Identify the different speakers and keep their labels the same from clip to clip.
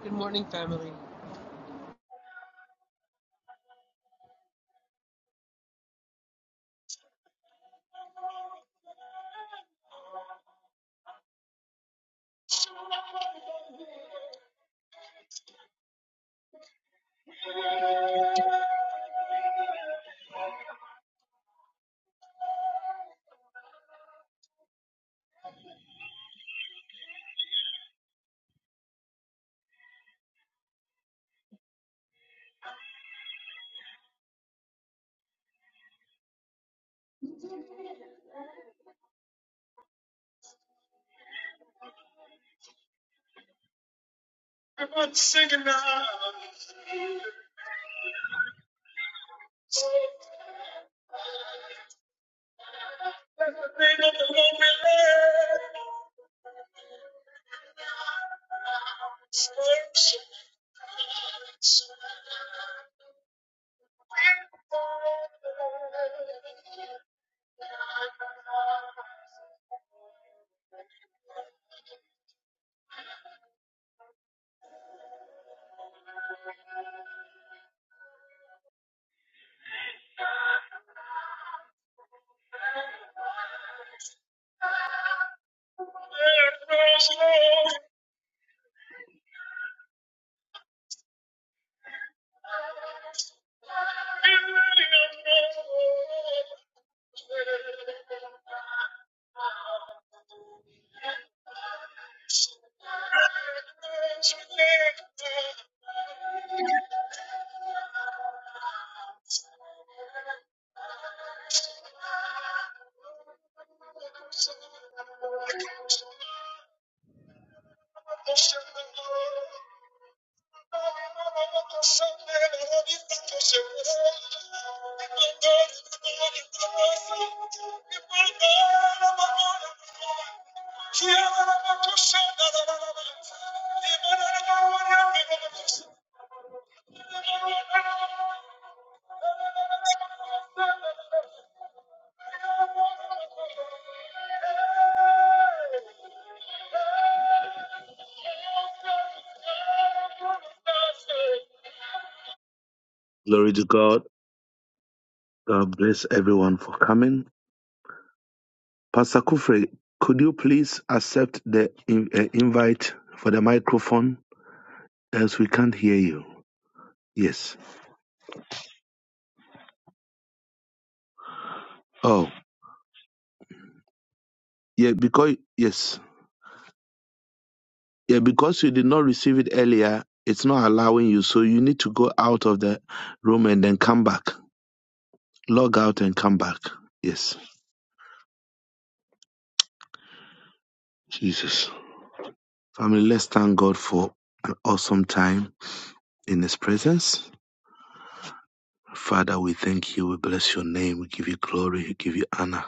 Speaker 1: Good morning, family.
Speaker 2: Everyone singing now. Let the name of the Lord be led. There goes Lord. Be ready, O Glory to God. God bless everyone for coming. Pastor Kufre, could you please accept the in- uh, invite for the microphone? As we can't hear you. Yes. Oh, yeah, because, yes. Yeah, because you did not receive it earlier, it's not allowing you. So you need to go out of the room and then come back. log out and come back. Yes, Jesus. Family, let's thank God for an awesome time in His presence. Father, we thank you. We bless your name. We give you glory. We give you honor.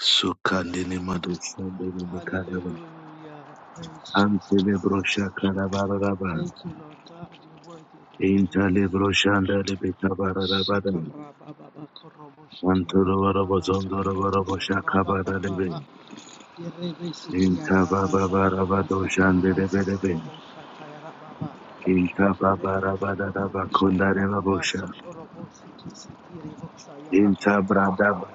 Speaker 2: Sukandini madushandini nikadaba.
Speaker 1: Hallelujah.
Speaker 2: Antele brosha kadabaraba.
Speaker 1: Praise Jesus. Thank you, Lord God. You're worthy of the praise.
Speaker 2: Intale broshanda lebe kabarabada.
Speaker 1: Shikara Baba, korobo shikiara
Speaker 2: Antolo warabo
Speaker 1: Baba,
Speaker 2: zondoro
Speaker 1: sotorobo
Speaker 2: warabo shakabada
Speaker 1: satarababa
Speaker 2: lebe.
Speaker 1: yerebe sikiaraba sataraba sataraba sotorobo satara Baba, kirebo sokorobo shatarababa sotorobo siki sikirebo sayaraba
Speaker 2: Intabradaba.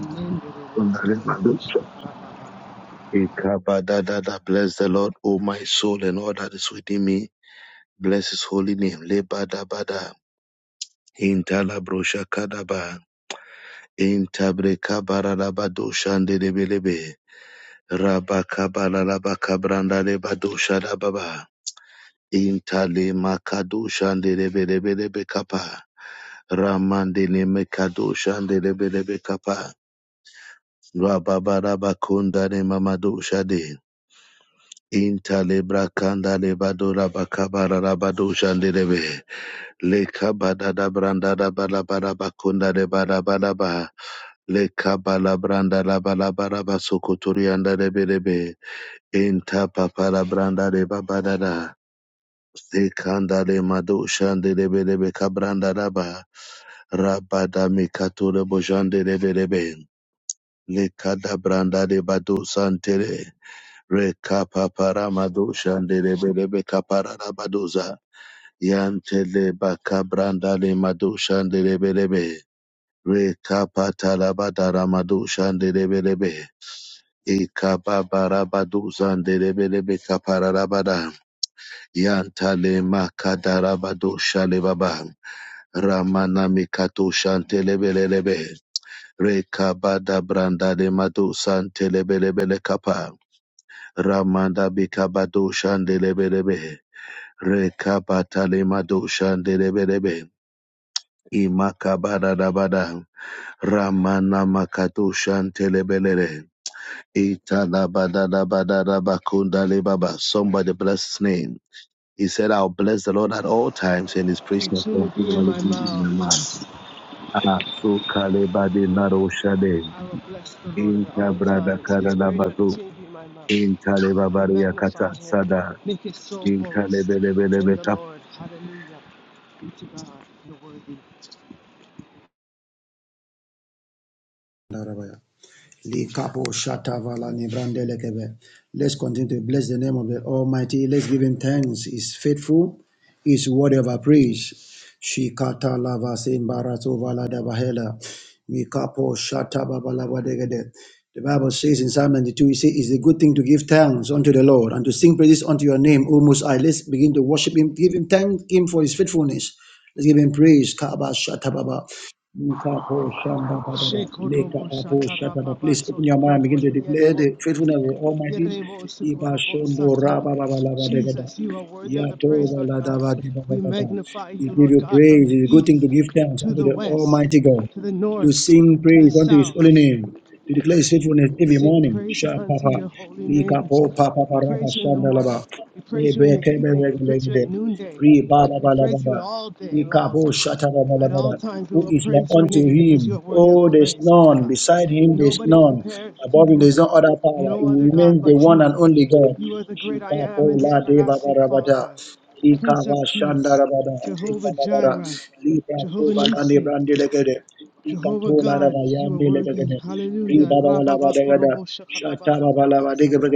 Speaker 1: nenderebo sotorobo satara Baba.
Speaker 2: Ikabadadada. Bless the Lord, O my soul, and all that is within me. Bless his holy name. Lebadabada. Intalabroshakadaba. Intabrekabaraladabadoshandedebelebe. Rabakabalabakabrandalebadoshadababa. Intalemakadoshande Ramandele mekado shandele belebe kapa. Rababara bakunda ne mamado Intalebra kanda lebado rabakabara rabado shandelebe. Leka bada branda da bala bakunda de bala bala ba. Leka bala branda la bala basokoturi anda lebe Inta papa branda de babada Sekanda le mado shandelebe lebe kabranda da ba. Rabada mikato lebo Leka da branda de bado santere. Rekapa Rekapaparamadu Shandelebelebe Kapararabaduza Yantele bakabranda Bakabrandale Madu Shandelebelebe Rekapatalabadarabadu Shandelebelebe Ikababarabadu Zandelebelebe Kapararabada Yantale Makadarabadu Shalebaba Ramana Mikatu Shantelebelebe Rekabada branda le Madu Santelebelebele Kapa Ramanda Bikabadu Shandelebelebe Rekapatale madoshande rebelebe. Imakabadadabada. Ramana makadoshante lebelele. Italabadadabadadabakunda lebaba. Somebody bless his name. He said, I'll bless the Lord at all times and his praise shall
Speaker 1: Continue to be in
Speaker 2: continually
Speaker 1: my
Speaker 2: be in
Speaker 1: mouth.
Speaker 2: my mouth. Asukalebade naroshade.
Speaker 1: I will bless the Lord at all times. His praise shall
Speaker 2: Intabradakadadabazu.
Speaker 1: continue to be in my mouth. I
Speaker 2: Intalebabariakata
Speaker 1: magnify him.
Speaker 2: sada.
Speaker 1: Make his soul boast in the
Speaker 2: Intalebelebelebeka.
Speaker 1: Lord. Hallelujah. Be to God. You're worthy.
Speaker 3: Let's continue to bless the name of the Almighty. Let's give him thanks. He's faithful. He's worthy of our praise. Shikata lava simbarato valada bahela. Mikapo shatababa lava degede. The Bible says in Psalm 92, it says, It's a good thing to give thanks unto the Lord and to sing praises unto your name, O Most High. Let's begin to worship Him, give Him thanks Him for His faithfulness. Let's give Him praise. Kaba shatababa. Nikapo shanda babara.
Speaker 1: Shekorobo
Speaker 3: Lekapo shata
Speaker 1: shatarababa
Speaker 3: Please open your mind.
Speaker 1: sotorobo
Speaker 3: Begin to declare
Speaker 1: yerebo.
Speaker 3: the faithfulness of the Almighty.
Speaker 1: Yerebo
Speaker 3: Iba
Speaker 1: sukorobo
Speaker 3: shondo
Speaker 1: sata.
Speaker 3: raba baba laba degada.
Speaker 1: Jesus, you are worthy of the
Speaker 3: Yato
Speaker 1: praise, Lord
Speaker 3: bala
Speaker 1: God.
Speaker 3: daba deba
Speaker 1: We
Speaker 3: baba.
Speaker 1: magnify
Speaker 3: We
Speaker 1: you,
Speaker 3: give
Speaker 1: Lord
Speaker 3: you
Speaker 1: God, from
Speaker 3: praise.
Speaker 1: the
Speaker 3: It's a good thing
Speaker 1: east
Speaker 3: to give thanks
Speaker 1: to
Speaker 3: unto
Speaker 1: the
Speaker 3: the
Speaker 1: west,
Speaker 3: Almighty God
Speaker 1: to the
Speaker 3: to
Speaker 1: north,
Speaker 3: sing
Speaker 1: to the
Speaker 3: praise unto his holy
Speaker 1: south.
Speaker 3: name, to declare his faithfulness every
Speaker 1: Sing
Speaker 3: morning.
Speaker 1: praises
Speaker 3: Sha
Speaker 1: unto
Speaker 3: papa,
Speaker 1: your holy
Speaker 3: lika
Speaker 1: name.
Speaker 3: po papa
Speaker 1: We
Speaker 3: paraba
Speaker 1: praise you in the
Speaker 3: shanda
Speaker 1: morning.
Speaker 3: laba,
Speaker 1: We praise you in
Speaker 3: lebe
Speaker 1: the
Speaker 3: kebe
Speaker 1: evening. We praise you at
Speaker 3: reglegede,
Speaker 1: noonday.
Speaker 3: re baba
Speaker 1: We praise you
Speaker 3: balabada,
Speaker 1: all day
Speaker 3: lika
Speaker 1: long.
Speaker 3: po shata baba
Speaker 1: At all
Speaker 3: labada.
Speaker 1: times, we
Speaker 3: Who
Speaker 1: will
Speaker 3: is like
Speaker 1: praise your
Speaker 3: unto
Speaker 1: name because you are
Speaker 3: him?
Speaker 1: worthy of the
Speaker 3: Oh, there's
Speaker 1: praise, Lord
Speaker 3: none.
Speaker 1: God.
Speaker 3: Beside him, there's
Speaker 1: Nobody
Speaker 3: none.
Speaker 1: compares to
Speaker 3: Above him,
Speaker 1: you.
Speaker 3: there's no other power.
Speaker 1: No other
Speaker 3: He
Speaker 1: God
Speaker 3: remains the
Speaker 1: but
Speaker 3: one
Speaker 1: you.
Speaker 3: and only God.
Speaker 1: You are the great I
Speaker 3: Shika
Speaker 1: am
Speaker 3: po
Speaker 1: and the
Speaker 3: la deva
Speaker 1: everlasting
Speaker 3: barabada.
Speaker 1: Father,
Speaker 3: Lika
Speaker 1: Prince
Speaker 3: va
Speaker 1: of
Speaker 3: shanda
Speaker 1: Peace,
Speaker 3: rabada. Lika
Speaker 1: Jehovah
Speaker 3: babara.
Speaker 1: Jireh,
Speaker 3: Lika
Speaker 1: Jehovah
Speaker 3: po balani
Speaker 1: Nissi,
Speaker 3: brandi
Speaker 1: Jehovah
Speaker 3: Ikatola
Speaker 1: God.
Speaker 3: raba
Speaker 1: You are
Speaker 3: yande
Speaker 1: worthy.
Speaker 3: lebegede.
Speaker 1: Hallelujah.
Speaker 3: Riba baba
Speaker 1: Rabba
Speaker 3: laba degada.
Speaker 1: korobo shakaraba
Speaker 3: Shata baba
Speaker 1: sataraba
Speaker 3: laba
Speaker 1: sata.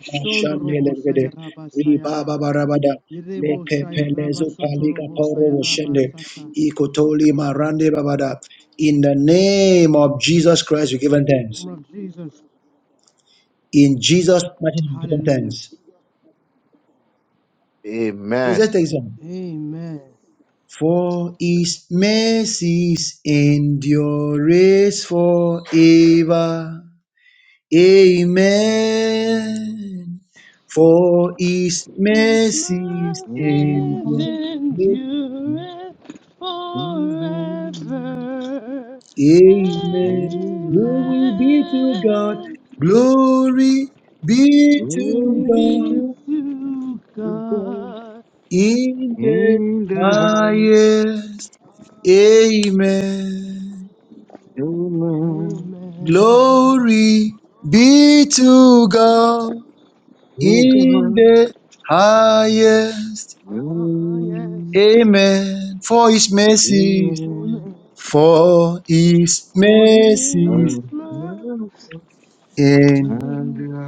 Speaker 1: Shondrobo Sayaraba Sayara.
Speaker 3: rabada.
Speaker 1: Yerebo
Speaker 3: Leke
Speaker 1: Shayaraba
Speaker 3: pelezo palika
Speaker 1: Sotorobo
Speaker 3: poro
Speaker 1: Sayaraba
Speaker 3: woshende.
Speaker 1: Sata.
Speaker 3: Ikotoli marande babada. In the name of Jesus Christ, we give him thanks.
Speaker 1: Lord Jesus.
Speaker 3: In Jesus' mighty name, we give him
Speaker 1: Hallelujah.
Speaker 3: thanks. Please
Speaker 2: Amen.
Speaker 3: let's take some.
Speaker 1: Amen.
Speaker 3: For his mercies endures forever. Amen. For his
Speaker 1: It's
Speaker 3: mercies
Speaker 1: my faith
Speaker 3: endure.
Speaker 1: endureth
Speaker 2: Mhm.
Speaker 1: forever.
Speaker 3: Amen.
Speaker 2: And
Speaker 3: Glory
Speaker 2: now
Speaker 3: be to God.
Speaker 1: Amen.
Speaker 3: Glory be to
Speaker 1: Glory
Speaker 2: all
Speaker 3: God
Speaker 1: be
Speaker 2: this
Speaker 1: to
Speaker 2: is gone
Speaker 1: God.
Speaker 3: in the
Speaker 2: in the house.
Speaker 3: highest. Amen.
Speaker 2: Amen.
Speaker 1: Amen.
Speaker 3: Glory be to God
Speaker 2: Oh
Speaker 3: in
Speaker 2: God.
Speaker 3: the highest.
Speaker 2: Amen.
Speaker 1: Ah, yes.
Speaker 2: Amen.
Speaker 3: Amen. For his
Speaker 2: Amen.
Speaker 3: mercies.
Speaker 1: Amen.
Speaker 3: For his
Speaker 1: For his
Speaker 3: mercies
Speaker 2: And the
Speaker 1: love
Speaker 3: endures
Speaker 1: endureth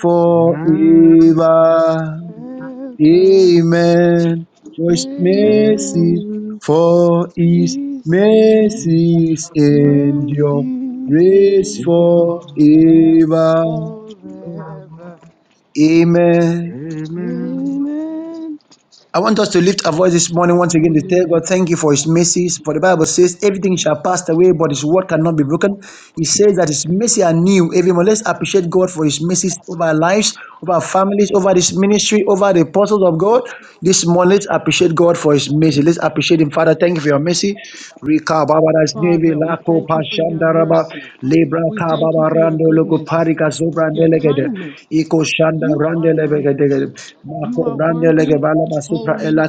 Speaker 3: forever.
Speaker 2: Lamb of God.
Speaker 1: ever.
Speaker 3: Amen. For his
Speaker 1: Amen.
Speaker 3: mercy,
Speaker 2: Amen.
Speaker 3: for his
Speaker 1: Ceasing
Speaker 3: mercies endure
Speaker 1: mercies
Speaker 3: grace
Speaker 1: endureth
Speaker 3: forever.
Speaker 1: forever.
Speaker 3: Amen.
Speaker 1: Amen.
Speaker 3: I want us to lift our voice this morning once again to tell
Speaker 1: Hallelujah.
Speaker 3: God, thank you for his mercies. For the Bible says, everything shall pass away, but his word cannot be broken. He says that his mercy are new every morning. Let's appreciate God for his mercies over our lives, over our families, over this ministry, over the apostles of God. This morning, let's appreciate God for His mercy. Let's appreciate Him, Father. Thank you for your mercy. Rika baba das nevi
Speaker 1: Father, we
Speaker 3: lako
Speaker 1: thank you for your
Speaker 3: pashandaraba
Speaker 1: mercy.
Speaker 3: libra
Speaker 1: We
Speaker 3: ka
Speaker 1: thank you
Speaker 3: baba
Speaker 1: for your
Speaker 3: rando loko
Speaker 1: goodness,
Speaker 3: parika zobra
Speaker 1: your
Speaker 3: nelegede
Speaker 1: kindness.
Speaker 3: iko shanda
Speaker 1: You
Speaker 3: rande
Speaker 1: are great.
Speaker 3: lebegede
Speaker 1: You
Speaker 3: mako
Speaker 1: are
Speaker 3: rande lege
Speaker 1: worthy,
Speaker 3: bala basupra
Speaker 1: holy,
Speaker 3: elakayana.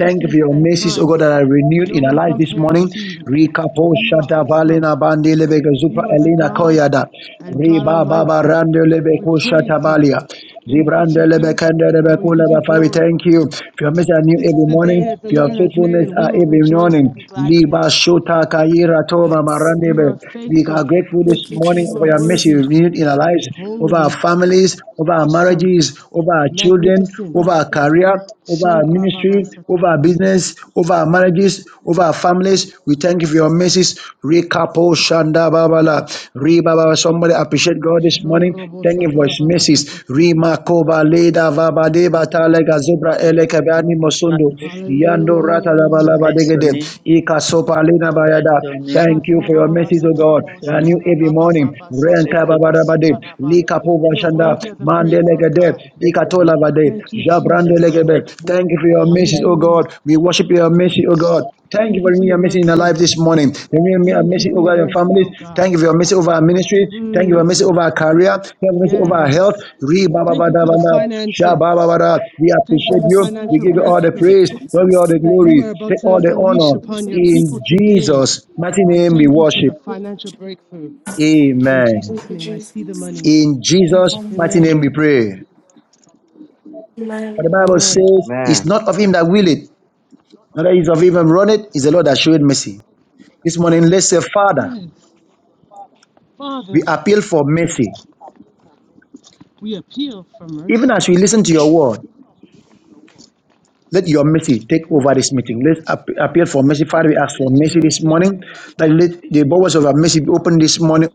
Speaker 3: Thank you for your
Speaker 1: and
Speaker 3: mercies, O
Speaker 1: kind.
Speaker 3: God, that are renewed in our
Speaker 1: Nobody
Speaker 3: life this
Speaker 1: compares
Speaker 3: morning.
Speaker 1: to you.
Speaker 3: Rika po
Speaker 1: You are
Speaker 3: shata
Speaker 1: awesome.
Speaker 3: valena bandi lebege zupra
Speaker 1: You are the
Speaker 3: elina
Speaker 1: God
Speaker 3: koyada
Speaker 1: and God
Speaker 3: riba baba
Speaker 1: Almighty.
Speaker 3: rande lebe
Speaker 1: We
Speaker 3: ko
Speaker 1: praise
Speaker 3: shata
Speaker 1: you.
Speaker 3: balia.
Speaker 1: We worship
Speaker 3: Zibrandele
Speaker 1: you
Speaker 3: bekendele
Speaker 1: and we
Speaker 3: bekule
Speaker 1: give you
Speaker 3: ba- Father, we
Speaker 1: glory.
Speaker 3: thank you for your mercy are new
Speaker 1: This is
Speaker 3: every
Speaker 1: the
Speaker 3: morning,
Speaker 1: day that the
Speaker 3: for your
Speaker 1: Lord has made,
Speaker 3: faithfulness
Speaker 1: and we
Speaker 3: are
Speaker 1: will
Speaker 3: every
Speaker 1: rejoice
Speaker 3: morning.
Speaker 1: and be glad in
Speaker 3: Liba
Speaker 1: it.
Speaker 3: shota kayira toma
Speaker 4: Yes.
Speaker 1: You
Speaker 3: marandebe.
Speaker 1: are
Speaker 3: We are
Speaker 1: faithful.
Speaker 3: grateful this
Speaker 4: Thank you,
Speaker 3: morning
Speaker 1: You
Speaker 3: for
Speaker 1: are
Speaker 3: your mercy
Speaker 4: Jesus.
Speaker 1: worthy,
Speaker 3: renewed in our lives, over our
Speaker 1: holy,
Speaker 3: families, over our
Speaker 1: awesome,
Speaker 3: marriages, over our children,
Speaker 1: magnificent.
Speaker 4: Thank
Speaker 3: over our
Speaker 4: you,
Speaker 3: career, over our
Speaker 1: Shandrababa
Speaker 3: ministry, over our
Speaker 1: Satarabosat.
Speaker 3: business, over our marriages, over our families. We thank you for your message. Rekapo Shanda Babala. Reba Baba. Somebody appreciate God this morning.
Speaker 1: Shandrabo
Speaker 3: Thank you for his
Speaker 1: Satarababasat.
Speaker 3: message. Rima Koba Leda Baba Deba Talega
Speaker 5: Thank you,
Speaker 3: Zebra
Speaker 5: God,
Speaker 3: Eleka
Speaker 5: for
Speaker 3: Bani
Speaker 5: his
Speaker 3: Mosundo.
Speaker 5: family.
Speaker 3: Yando Rata
Speaker 5: To
Speaker 3: Bala
Speaker 1: Hallelujah.
Speaker 5: bless your
Speaker 3: Badegede.
Speaker 5: name,
Speaker 3: Ika Sopa Lena
Speaker 5: bless
Speaker 3: Bayada.
Speaker 5: your name,
Speaker 3: Thank you for your
Speaker 1: Shatrababa
Speaker 3: message, O God.
Speaker 5: bless
Speaker 1: Satarabo
Speaker 5: your
Speaker 3: I knew
Speaker 5: name,
Speaker 3: every morning.
Speaker 1: Satarababa
Speaker 5: bless
Speaker 3: Renta
Speaker 5: your
Speaker 1: Sotorobo
Speaker 5: name,
Speaker 3: babarabade,
Speaker 1: Sataraba.
Speaker 5: to
Speaker 3: likapova
Speaker 5: bless
Speaker 1: You're
Speaker 5: your
Speaker 3: shanda,
Speaker 5: name,
Speaker 1: worthy of the praise, Lord
Speaker 3: mandelegede,
Speaker 1: God.
Speaker 5: to bless your
Speaker 3: ikatola
Speaker 5: name.
Speaker 3: bade,
Speaker 1: Thank you,
Speaker 5: There's no
Speaker 1: Jesus.
Speaker 3: jabrandelegebe.
Speaker 5: like you,
Speaker 3: Thank you for your
Speaker 5: not
Speaker 3: message,
Speaker 5: like
Speaker 3: O
Speaker 1: Hallelujah.
Speaker 3: God. We worship your message, O God. Thank you
Speaker 1: Thank
Speaker 3: for
Speaker 1: you for
Speaker 3: renewing your
Speaker 1: your
Speaker 3: message in our
Speaker 1: mercy.
Speaker 3: life this morning. Renewing your
Speaker 1: Thank you
Speaker 3: message
Speaker 1: for your
Speaker 3: over your
Speaker 1: mercy,
Speaker 3: families.
Speaker 1: oh God.
Speaker 3: Thank you for your message over our ministry. Thank you for your message
Speaker 1: Hmm.
Speaker 3: over our career. Thank you for your message over
Speaker 5: you.
Speaker 3: our health.
Speaker 1: Yes.
Speaker 3: Re ba ba ba
Speaker 1: Thank you
Speaker 3: da
Speaker 1: for
Speaker 3: ba
Speaker 1: the
Speaker 3: da, sha ba ba
Speaker 1: finances.
Speaker 3: ba da. We
Speaker 1: Thank you for
Speaker 3: appreciate
Speaker 1: the
Speaker 3: you.
Speaker 4: Christ.
Speaker 3: We
Speaker 1: financial
Speaker 3: give you all the
Speaker 4: Thank you,
Speaker 1: breakthrough
Speaker 3: praise. We give you all
Speaker 4: Jesus.
Speaker 3: the
Speaker 1: that you
Speaker 3: glory.
Speaker 1: are about
Speaker 3: Take all
Speaker 1: to
Speaker 3: the
Speaker 1: unleash
Speaker 3: honor.
Speaker 1: upon your
Speaker 3: In
Speaker 1: people
Speaker 4: Jesus.
Speaker 1: today.
Speaker 3: Jesus' mighty
Speaker 1: I
Speaker 3: name we
Speaker 1: thank you for the
Speaker 3: worship.
Speaker 1: financial
Speaker 4: Thank
Speaker 1: breakthrough. In
Speaker 3: Amen.
Speaker 1: Jesus'
Speaker 4: you,
Speaker 1: name, I see the
Speaker 4: Jesus.
Speaker 1: money.
Speaker 3: In Jesus'
Speaker 4: Amen.
Speaker 3: mighty
Speaker 1: Amen.
Speaker 3: name we pray. For
Speaker 4: Amen.
Speaker 3: the Bible
Speaker 1: Amen.
Speaker 3: says, it's not of him that will it, not that is of him that run it, it's the Lord that showed mercy. This morning, let's say, Father,
Speaker 1: Yes.
Speaker 3: we
Speaker 1: Father,
Speaker 3: appeal for mercy.
Speaker 1: we appeal for
Speaker 3: Even
Speaker 1: mercy.
Speaker 3: as we listen to your word, let your mercy take
Speaker 1: Even if
Speaker 3: over
Speaker 1: it
Speaker 3: this
Speaker 1: doesn't see a
Speaker 3: meeting. Let's
Speaker 1: word,
Speaker 3: ap- appeal for mercy. Father, we ask for
Speaker 1: let your
Speaker 3: mercy this
Speaker 1: mercy
Speaker 3: morning.
Speaker 1: appeal.
Speaker 3: That let the bowels of our mercy be open this morning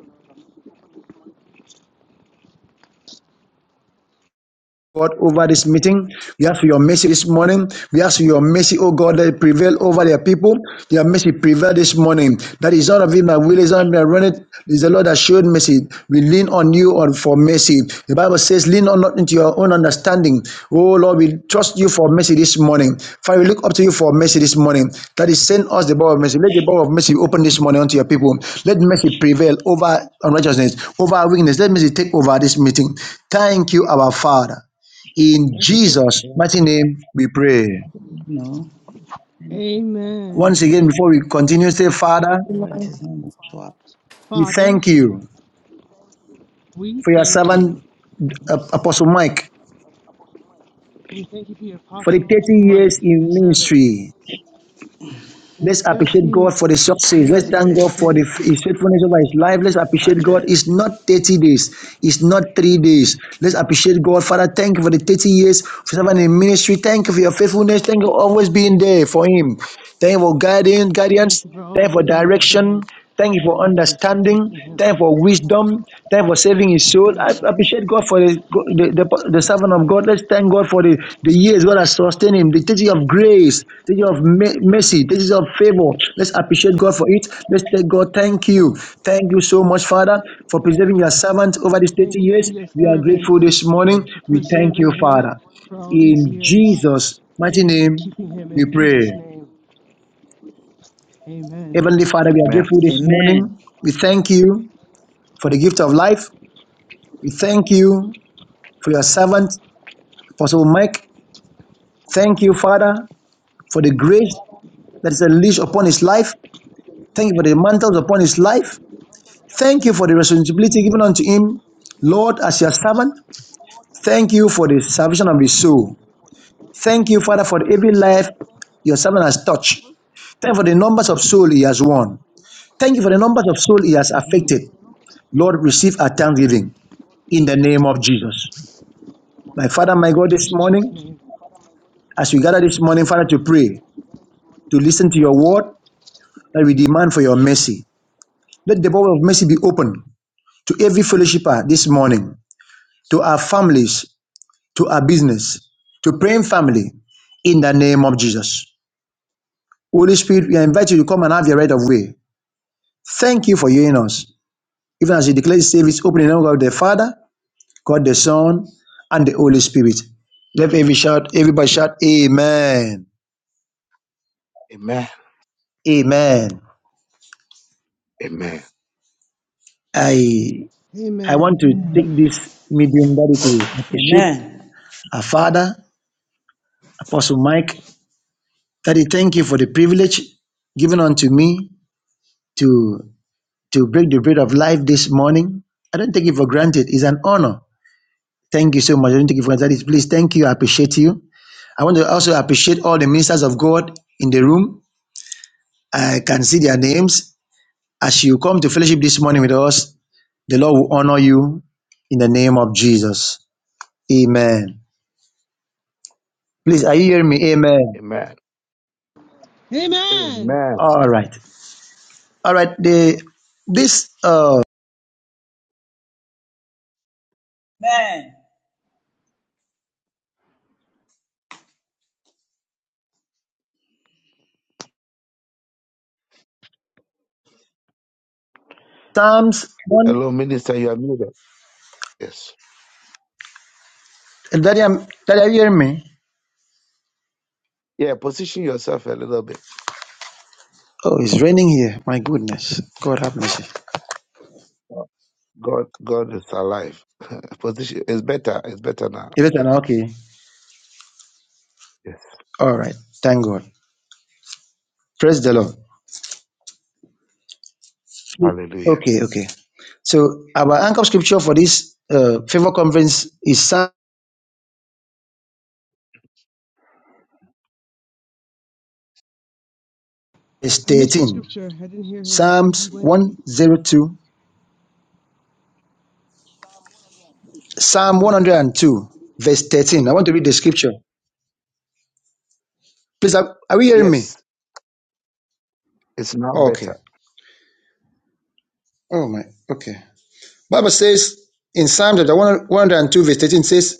Speaker 3: God over this meeting. We ask for your mercy this morning. We ask for your mercy, oh God, that it prevail over their people. Your mercy prevail this morning. That is out of it, my will is not my running. It is the Lord that showed mercy. We lean on you on for mercy. The Bible says, lean on not into your own understanding. Oh Lord, we trust you for mercy this morning. Father, we look up to you for mercy this morning. That is send us the bow of mercy. Let the bow of mercy be open this morning unto your people. Let mercy prevail over unrighteousness, over our weakness. Let mercy take over this meeting. Thank you, our Father. In
Speaker 5: All the things
Speaker 3: Jesus'
Speaker 5: that you have
Speaker 3: mighty
Speaker 5: done,
Speaker 3: name, we pray.
Speaker 5: you know, any part of
Speaker 1: Amen.
Speaker 3: Once
Speaker 5: you have
Speaker 3: again,
Speaker 5: done
Speaker 3: before we continue, say, Father,
Speaker 5: The went
Speaker 4: Amen.
Speaker 5: is not much what
Speaker 3: we
Speaker 1: Father,
Speaker 3: thank you
Speaker 1: we
Speaker 3: for your
Speaker 1: thank you.
Speaker 3: servant, uh,
Speaker 5: happens.
Speaker 3: Apostle Mike,
Speaker 1: We thank you for your
Speaker 3: for the 30
Speaker 1: apostle, Mike,
Speaker 3: years
Speaker 1: your
Speaker 3: in
Speaker 1: servant,
Speaker 3: ministry.
Speaker 1: in the
Speaker 3: Let's appreciate
Speaker 1: 13
Speaker 3: God for the success. Let's
Speaker 5: God
Speaker 1: years
Speaker 3: thank
Speaker 5: lifted
Speaker 1: in
Speaker 3: God for
Speaker 5: it.
Speaker 3: the,
Speaker 1: ministry.
Speaker 3: his faithfulness over his life. Let's appreciate
Speaker 5: And
Speaker 3: God.
Speaker 5: uh,
Speaker 3: It's not 30 days. It's not three days. Let's appreciate God. Father, thank you for the 30 years of serving in ministry. Thank you for your faithfulness. Thank you for always being there for him. Thank you for guiding,
Speaker 1: Thank
Speaker 3: guidance.
Speaker 1: you for all
Speaker 3: Thank you for
Speaker 1: being there for
Speaker 3: direction.
Speaker 1: him,
Speaker 3: Thank you for
Speaker 1: guiding him,
Speaker 3: understanding.
Speaker 1: protecting him,
Speaker 3: Thank you for wisdom. Thank you for saving his soul.
Speaker 1: covering
Speaker 3: I
Speaker 1: him.
Speaker 3: appreciate God for the the, the, the servant of God. Let's thank God for the, the years God has sustained him, the teaching of grace, teaching of me- mercy, teaching of favor. Let's appreciate God for it. Let's tell God, thank you. Thank you so much, Father, for preserving your servant over these
Speaker 5: we
Speaker 3: 30
Speaker 1: Thank
Speaker 5: don't
Speaker 1: you for
Speaker 3: years.
Speaker 1: your
Speaker 3: We
Speaker 5: know.
Speaker 3: are
Speaker 1: servant,
Speaker 3: grateful this morning.
Speaker 1: for
Speaker 3: We
Speaker 5: Do
Speaker 3: thank
Speaker 5: we?
Speaker 3: you,
Speaker 1: preserving him
Speaker 3: Father.
Speaker 1: for all these
Speaker 3: In
Speaker 1: years,
Speaker 3: Jesus'
Speaker 5: Is
Speaker 3: mighty
Speaker 5: it?
Speaker 1: and for
Speaker 3: name,
Speaker 1: keeping him
Speaker 3: we
Speaker 1: in
Speaker 3: pray.
Speaker 1: Jesus' name. Amen.
Speaker 3: Heavenly Father, we are
Speaker 2: Amen.
Speaker 3: grateful this
Speaker 5: Amen.
Speaker 3: morning. We thank you for the gift of life. We thank you for your servant, Apostle Mike. Thank you, Father, for the grace that is unleashed upon his life. Thank you for the mantles upon his life. Thank you for the responsibility given unto him, Lord, as your servant. Thank you for the salvation of his soul. Thank you, Father, for every life your servant has touched. Thank you for the numbers of soul he has won. Thank you for the numbers of soul he has
Speaker 1: hmm
Speaker 3: affected. Lord, receive our thanksgiving in the name of Jesus. My Father, my God,
Speaker 1: In
Speaker 3: this morning,
Speaker 1: Jesus' name.
Speaker 3: As we gather this morning, Father, to pray, to listen to your word that we demand for your mercy. Let the door of mercy be open to every fellowshipper this morning, to our families, to our business, to praying family, in the name of Jesus. Holy Spirit, we invite you to come and have your right of way. Thank you for hearing us. Even as you declare the service, open in the name of God the Father, God the Son, and the Holy Spirit. Let every shout, everybody shout, Amen.
Speaker 2: Amen.
Speaker 3: Amen.
Speaker 2: Amen.
Speaker 3: I I want
Speaker 1: Amen.
Speaker 3: to
Speaker 5: Amen.
Speaker 3: take this medium Daddy to appreciate
Speaker 5: Amen.
Speaker 3: our Father, Apostle Mike. Daddy, thank you for the privilege given unto me to to break the bread of life this morning. I don't take it for granted. It's an honor. Thank you so much. I don't take it for granted. Daddy, please thank you. I appreciate you. I want to also appreciate all the ministers of God in the room. I can see their names. As you come to fellowship this morning with us, the Lord will honor you in the name of Jesus. Amen. Please, are you hearing me? Amen.
Speaker 2: Amen.
Speaker 1: Amen.
Speaker 2: Amen.
Speaker 3: All right. All right. The this uh Psalms one
Speaker 2: Hello, minister, you are muted. Yes.
Speaker 3: that I'm that I hear me.
Speaker 2: Yeah, position yourself a little bit.
Speaker 3: Oh, it's raining here. My goodness. God have mercy.
Speaker 2: God, God is alive. position is better. It's better now.
Speaker 3: You better
Speaker 2: Yeah.
Speaker 3: now. Okay.
Speaker 2: Yes.
Speaker 3: All right. Thank God. Praise the Lord.
Speaker 2: Hallelujah.
Speaker 3: Okay, okay. So our anchor scripture for this uh, favor conference is Psalm
Speaker 1: I missed the
Speaker 3: 13,
Speaker 1: scripture. I didn't hear who it is. He
Speaker 3: Psalms
Speaker 1: went. He
Speaker 3: 102, Psalm
Speaker 1: went out to.
Speaker 3: 102, verse 13. I want to read the scripture. Please, are, are we hearing me?
Speaker 2: Yes, it's now
Speaker 3: Okay.
Speaker 2: better.
Speaker 3: Oh my. Okay. Bible says in Psalm chapter 102, verse 13 says,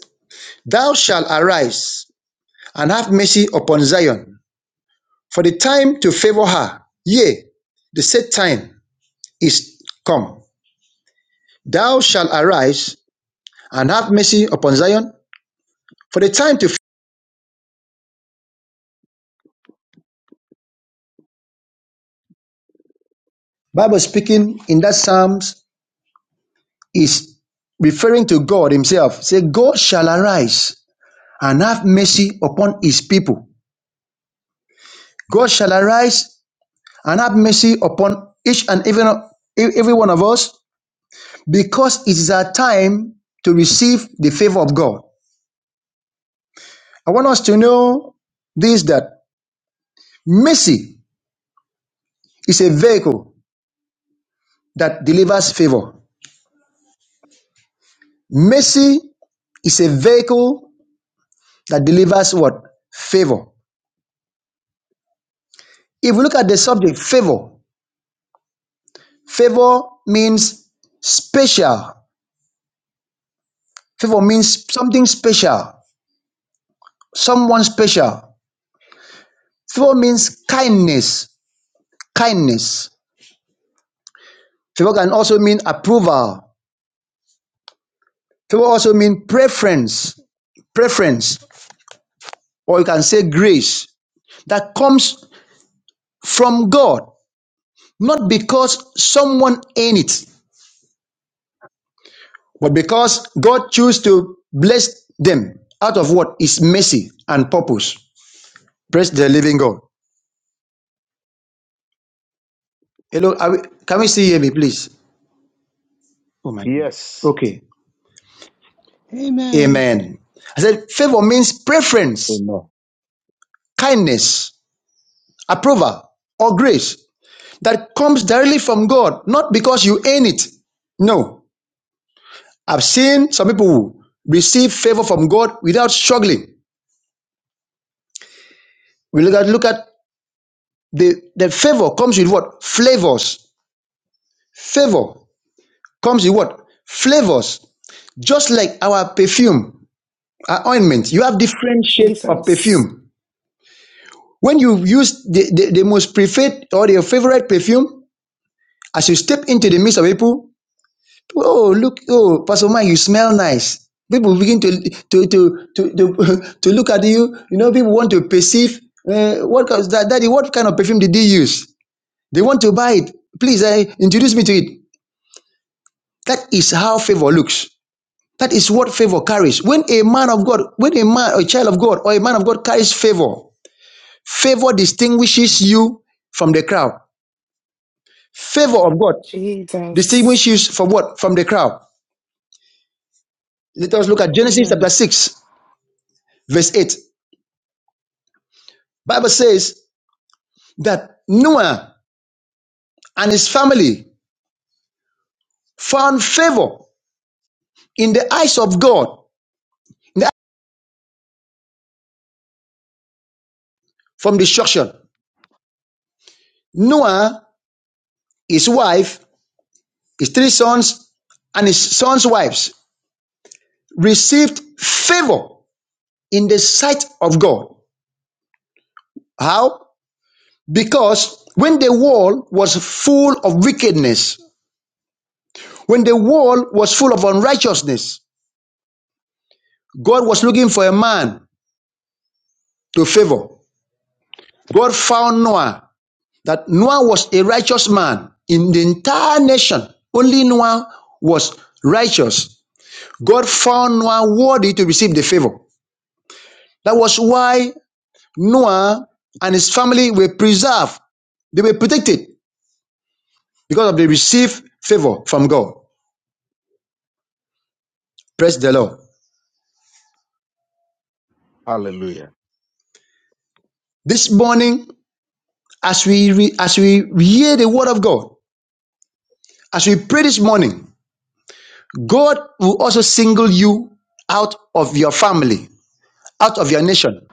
Speaker 3: Thou shalt arise and have mercy upon Zion, for the time to favor her, yea, the set time is come. Thou shalt arise and have mercy upon Zion, for the time to favor. Bible speaking in that Psalms is referring to God Himself. Say, God shall arise and have mercy upon His people. God shall arise and have mercy upon each and even e- every one of us because it is our time to receive the favor of God. I want us to know this that mercy is a vehicle that delivers favor. Mercy is a vehicle that delivers what? Favor. If we look at the subject, favor, favor means special. Favor means something special, someone special. Favor means kindness, kindness. Favor can also mean approval. Favor also mean preference, preference, or you can say grace that comes from God, not because someone earned it, but because God chose to bless them out of what is mercy and purpose. Praise the living God. Hello, are we, can we see me, please? Oh my.
Speaker 2: Yeah.
Speaker 3: Okay.
Speaker 1: Amen.
Speaker 3: Amen. I said favor means preference,
Speaker 2: Amen.
Speaker 3: kindness, approval, or grace that comes directly from God, not because you earn it. No. I've seen some people who receive favor from God without struggling. We look at look at the, the favor comes with what? Flavors. Favor comes with what? Flavors. Just like our perfume, our ointment. You have different shades of
Speaker 4: Jesus.
Speaker 3: perfume. When you use the, the, the most preferred or your favorite perfume, as you step into the midst of people, Oh, look, oh, Pastor Mike, you smell nice. People begin to to to to to, to look at you. You know, people want to perceive uh, what kind- that daddy, what kind of perfume did they use? They want to buy it. Please uh, introduce me to it. That is how favor looks. That is what favor carries. When a man of God, when a man, a child of God, or a man of God carries favor, favor distinguishes you from the crowd. Favor of God
Speaker 4: Jesus.
Speaker 3: distinguishes you from what? From the crowd. Let us look at Genesis chapter
Speaker 1: Amen.
Speaker 3: 6, verse 8. Bible says that Noah and his family found favor in the eyes of God from destruction. Noah, his wife, his three sons, and his sons' wives received favor in the sight of God. How? Because when the world was full of wickedness, when the world was full of unrighteousness, God was looking for a man to favor. God found Noah that Noah was a righteous man in the entire nation. Only Noah was righteous. God found Noah worthy to receive the favor. That was why Noah and his family were preserved. They were protected because of the received favor from God. Praise the Lord.
Speaker 2: Hallelujah.
Speaker 3: This morning, as we re- as we hear the word of God, as we pray this morning, God will also single you out of your family, out of your nation,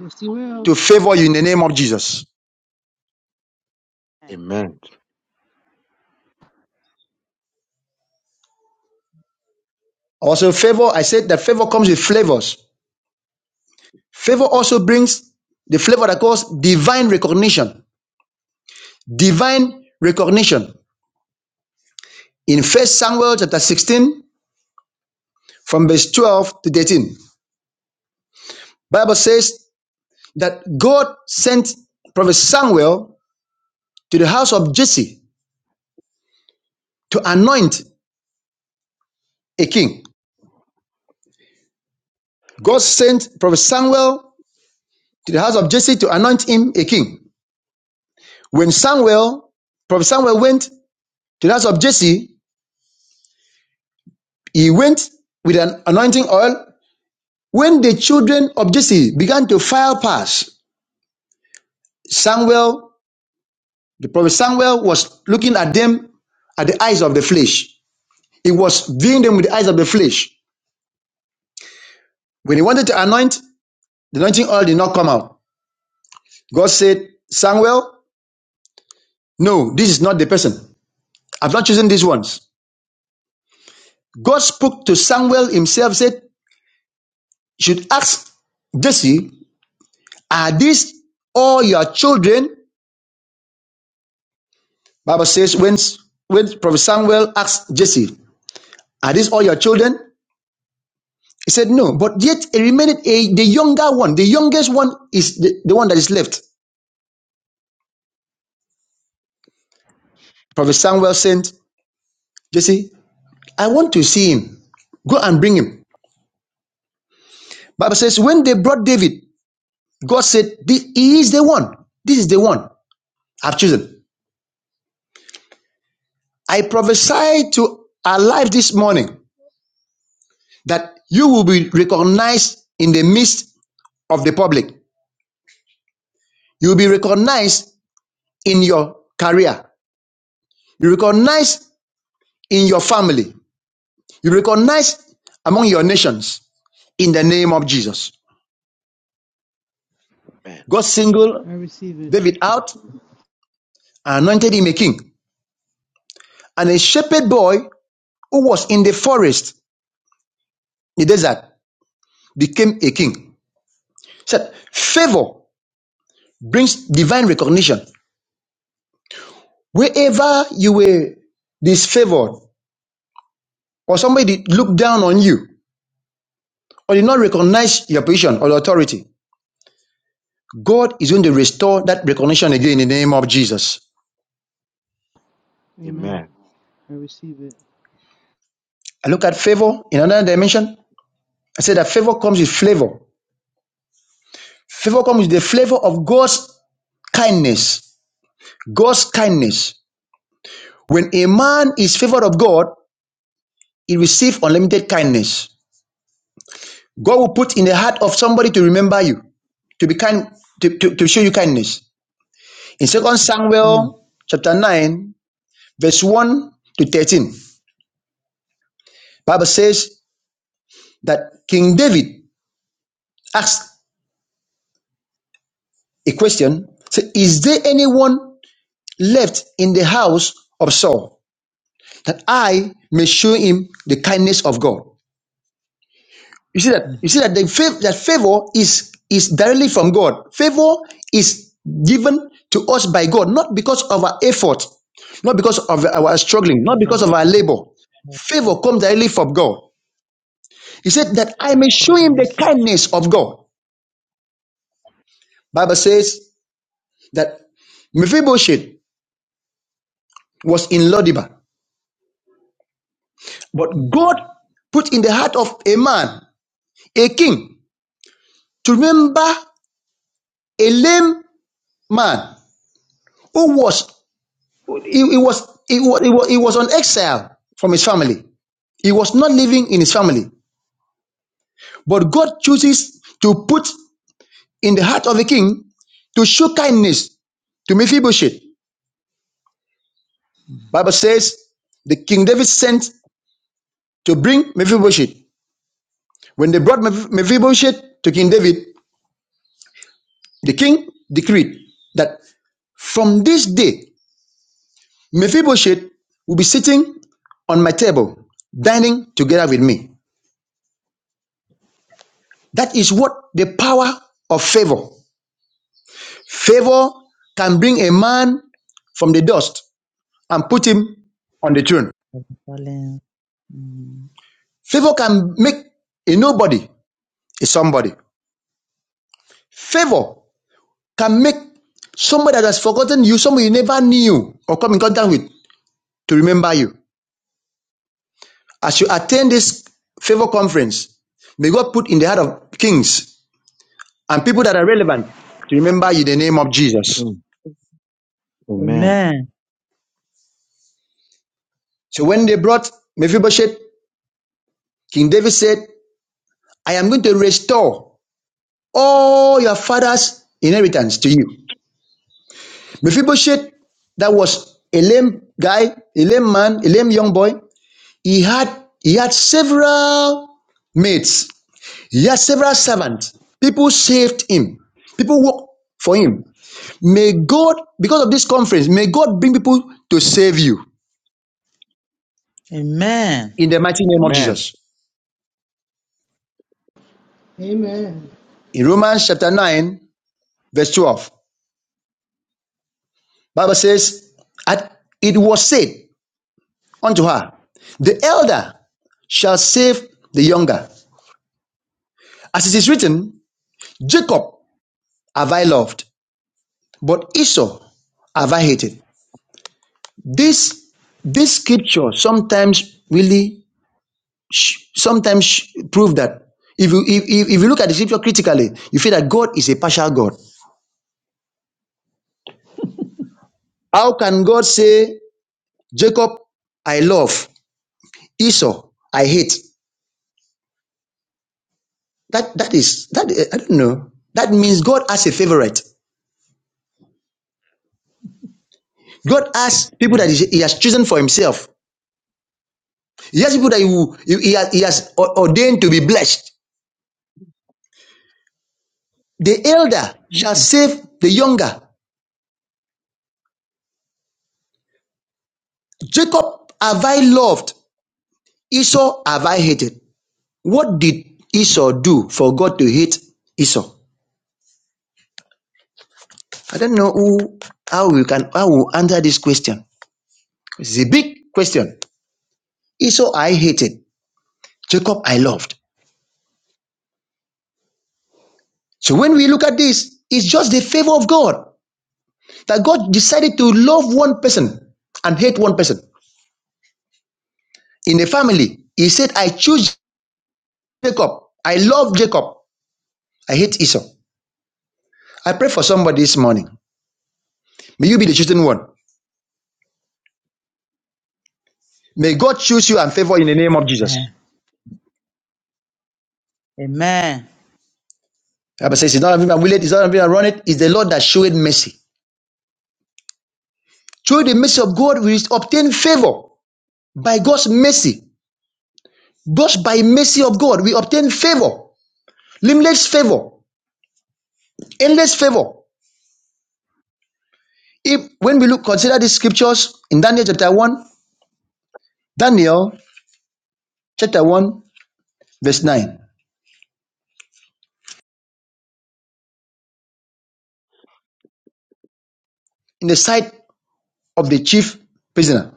Speaker 1: Yes, he will.
Speaker 3: to favor you in the name of Jesus.
Speaker 2: Amen.
Speaker 3: Also, favor, I said that favor comes with flavors. Favor also brings the flavor that calls divine recognition. Divine recognition. In First Samuel chapter 16, from verse 12 to 13, Bible says that God sent prophet Samuel to the house of Jesse to anoint a king. God sent prophet Samuel to the house of Jesse to anoint him a king. When Samuel, prophet Samuel went to the house of Jesse, He went with an anointing oil. When the children of Jesse began to file past, Samuel, the prophet Samuel, was looking at them at the eyes of the flesh. He was viewing them with the eyes of the flesh. When he wanted to anoint, the anointing oil did not come out. God said, Samuel, no, this is not the person. I've not chosen these ones. God spoke to Samuel himself, said, You should ask Jesse, are these all your children? Bible says when, when Prophet Samuel asked Jesse, Are these all your children? He said, No, but yet it remained a, the younger one. The youngest one is the, the one that is left. Prophet Samuel sent Jesse, I want to see him. Go and bring him. Bible says, when they brought David, God said, "This- He is the one. This is the one I've chosen. I prophesy to our life this morning that you will be recognized in the midst of the public. You will be recognized in your career. You recognize in your family. You recognize among your nations in the name of Jesus.
Speaker 2: Amen.
Speaker 3: God singled
Speaker 1: I receive it.
Speaker 3: David out and anointed him a king. And a shepherd boy who was in the forest, the desert, became a king. He Said, favor brings divine recognition. Wherever you were disfavored or somebody looked down on you or did not recognize your position or authority, God is going to restore that recognition again in the name of Jesus.
Speaker 1: Amen.
Speaker 2: Amen.
Speaker 1: I receive it.
Speaker 3: I look at favor in another dimension. I say that favor comes with flavor. Favor comes with the flavor of God's kindness. God's kindness. When a man is favored of God, he receives unlimited kindness. God will put in the heart of somebody to remember you, to be kind, to, to, to show you kindness. In Second
Speaker 5: Mm.
Speaker 3: Samuel chapter 9, verse 1 to 13, Bible says that King David asked a question. Say, is there anyone left in the house of Saul, that I may show him the kindness of God. You see that you see
Speaker 5: Mm.
Speaker 3: that the favor that favor is is directly from God. Favor is given to us by God, not because of our effort, not because of our struggling, not
Speaker 5: Favor
Speaker 3: because of our labor. Favor
Speaker 5: of
Speaker 3: comes directly from God. He said that I may show
Speaker 5: God
Speaker 3: him
Speaker 5: and
Speaker 3: the
Speaker 5: mercy.
Speaker 3: kindness of God. Bible says that Mephibosheth was in Lodibar, but God
Speaker 5: Mm.
Speaker 3: put in the heart of a man, a king. to remember a lame man who was he, he was he was, he was he was on exile from his family. He was not living in his family, but God chooses to put in the heart of the king to show kindness to Mephibosheth. Bible says the King David sent to bring Mephibosheth. When they brought Mephibosheth to King David, the king decreed that from this day Mephibosheth will be sitting on my table, dining together with me. That is what the power of favor. Favor can bring a man from the dust and put him on the throne.
Speaker 5: Darling. Mm.
Speaker 3: Favor can make a nobody a somebody. Favor can make somebody that has forgotten you, somebody you never knew or come in contact with, to remember you. As you attend this favor conference, may God put in the heart of kings and people that are relevant to remember you the name of Jesus.
Speaker 2: Mm. Amen.
Speaker 5: Amen.
Speaker 3: So when they brought Mephibosheth, King David said, I am going to restore all your father's inheritance to you. Mephibosheth, that was a lame guy, a lame man, a lame young boy, he had he had several mates, he had several servants. People saved him. People worked for him. May God, because of this conference, may God bring people to save you
Speaker 5: Amen.
Speaker 3: in the mighty name of
Speaker 2: Amen.
Speaker 3: Jesus.
Speaker 1: Amen.
Speaker 3: In Romans chapter 9, verse 12, Bible says, "And it was said unto her, The elder shall save the younger. As it is written, Jacob have I loved, but Esau have I hated. This, this scripture sometimes really, sometimes prove that if you, if, if, if you look at the scripture critically, you feel that God is a partial God. How can God say, Jacob I love, Esau I hate? That that is that eh, I don't know. That means God has a favorite. God has people that
Speaker 5: Mm.
Speaker 3: He He has chosen for Himself. He has people that He, will- he, he has, he has o- ordained to be blessed. The elder shall
Speaker 5: Mm-mm.
Speaker 3: save the younger. Jacob have I loved, Esau have I hated. What did Esau do for God to hate Esau? I don't know who how we can how we answer this question. It's a big question. Esau I hated, Jacob I loved. So when we look at this, it's just the favor of God that God decided to love one person and hate one person. In the family, He said, I choose Jacob. I love Jacob. I hate Esau. I pray for somebody this morning. May you be the chosen one. May God choose you and favor in the name of Jesus.
Speaker 5: Amen. Amen.
Speaker 3: The Bible says, It's not having i will it. it's not having I run it. It's the Lord that showed mercy. Through the mercy of God, we obtain favor by God's mercy. Just by mercy of God, we obtain favor, limitless favor, endless favor. If when we look consider these scriptures in Daniel chapter 1, Daniel chapter 1, verse 9, in the sight of the chief prisoner,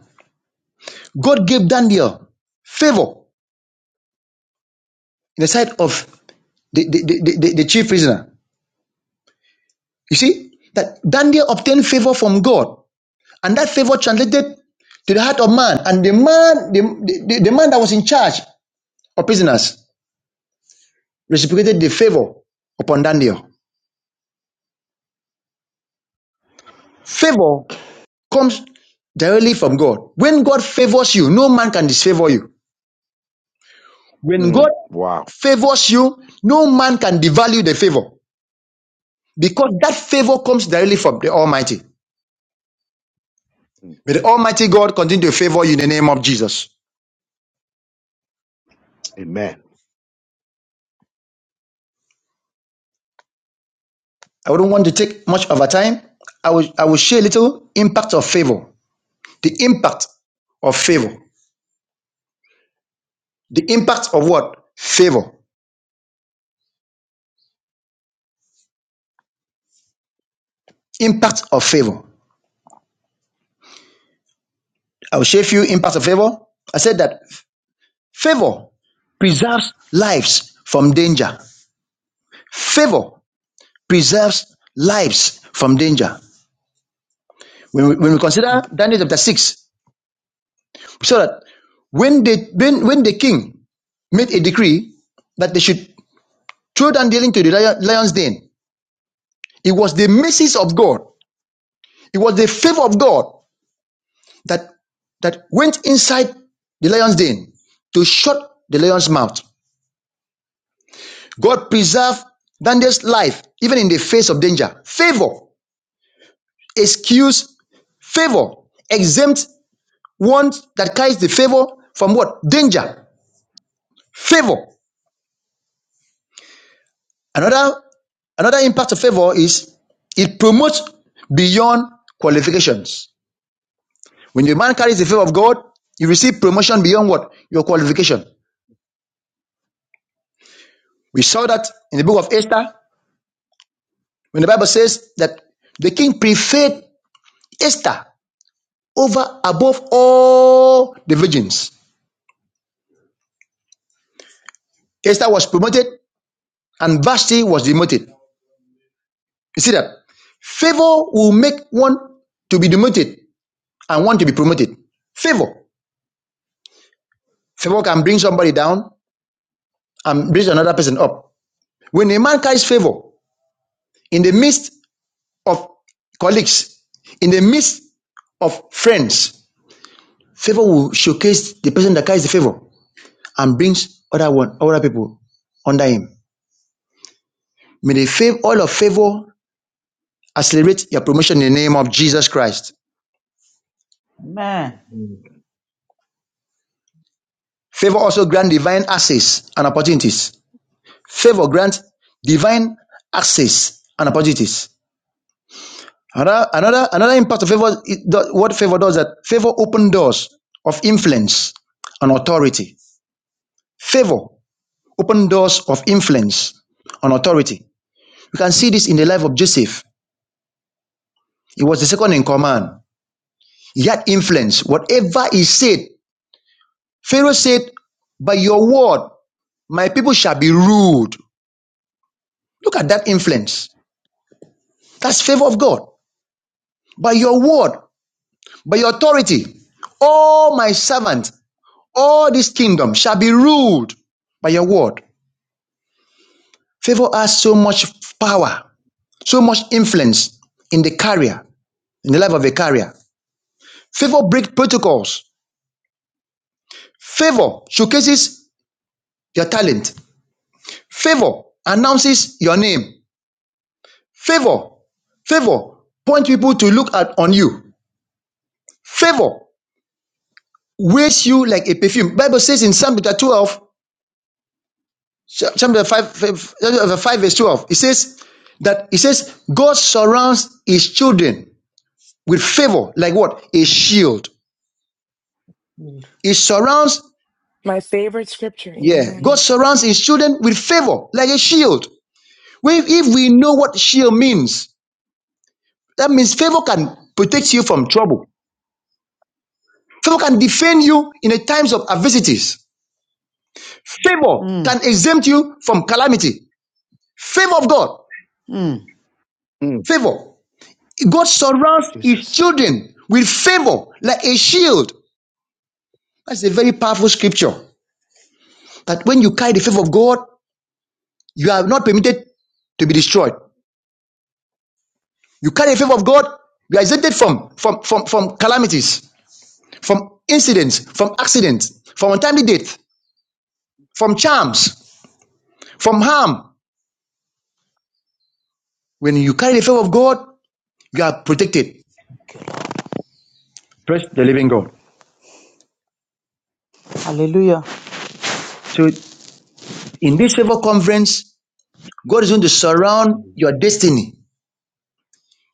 Speaker 3: God gave Daniel favor in the sight of the, the, the, the, the chief prisoner. You see that Daniel obtained favor from God, and that favor translated to the heart of man, and the man, the, the, the man that was in charge of prisoners reciprocated the favor upon Daniel. Favor comes directly from God. When God favors you, no man can disfavor you. When
Speaker 2: Mm.
Speaker 3: God
Speaker 2: Wow.
Speaker 3: favors you, no man can devalue the favor because that favor comes directly from the Almighty. May the Almighty God continue to favor you in the name of Jesus.
Speaker 2: Amen.
Speaker 3: I wouldn't want to take much of our time. I will, I will share a little impact of favor. The impact of favor. The impact of what? Favor. Impact of favor. I will share a few impacts of favor. I said that Favor preserves lives from danger. Favor preserves lives from danger. When we, when we consider Daniel chapter 6, we saw that when, they, when, when the king made a decree that they should throw Daniel into the lion's den, it was the mercies of God, it was the favor of God that, that went inside the lion's den to shut the lion's mouth. God preserved Daniel's life even in the face of danger. Favor excuse favor exempt one that carries the favor from what danger favor another another impact of favor is it promotes beyond qualifications when a man carries the favor of god you receive promotion beyond what your qualification we saw that in the book of esther when the bible says that the king preferred esther over above all the virgins esther was promoted and vashti was demoted You see that? Favor will make one to be demoted and one to be promoted. Favor. Favor can bring somebody down and bring another person up. When a man carries favor in the midst of colleagues, in the midst of friends, favor will showcase the person that carries the favor and brings other one, other people under him. May the favor, all of favor accelerate your promotion in the name of Jesus Christ.
Speaker 5: Amen.
Speaker 2: Mm.
Speaker 3: Favor also grant divine access and opportunities Favor grants divine access and opportunities. Another, another, another impact of favor, what favor does that? Favor open doors of influence and authority. Favor open doors of influence and authority. You can see this in the life of Joseph. He was the second in command. He had influence. Whatever he said, Pharaoh said, by your word, my people shall be ruled. Look at that influence. That's favor of God. By your word, by your authority. All my servants, all this kingdom shall be ruled by your word. Favor has so much power, so much influence in the career, in the life of a career. Favor breaks protocols. Favor showcases your talent. Favor announces your name. Favor, favor point people to look at on you. Favor weighs you like a perfume. Bible says in Psalm chapter 12, Chapter 5, five- uh, 5 verse 12. It says that it says God surrounds his children with favor, like what? A shield.
Speaker 5: Good.
Speaker 3: He surrounds,
Speaker 4: My favorite scripture.
Speaker 3: yeah, God
Speaker 4: Amen.
Speaker 3: surrounds his children with favor, like a shield. We, if we know what shield means, that means favor can protect you from trouble. Favor can defend you in the times of adversities. Favor can
Speaker 5: Mm.
Speaker 3: exempt you from calamity. Favor of God.
Speaker 5: Mm.
Speaker 3: Favor. God surrounds his children with favor like a shield. That's a very powerful scripture. That when you carry the favor of God, you are not permitted to be destroyed. You carry the favor of God, you are exempted from, from, from, from calamities, from incidents, from accidents, from untimely death, from charms, from harm. When you carry the favor of God, you are protected.
Speaker 5: Good.
Speaker 3: Praise the living God.
Speaker 5: Hallelujah.
Speaker 3: So in this favor conference, God is going to surround your
Speaker 2: Hallelujah.
Speaker 3: destiny,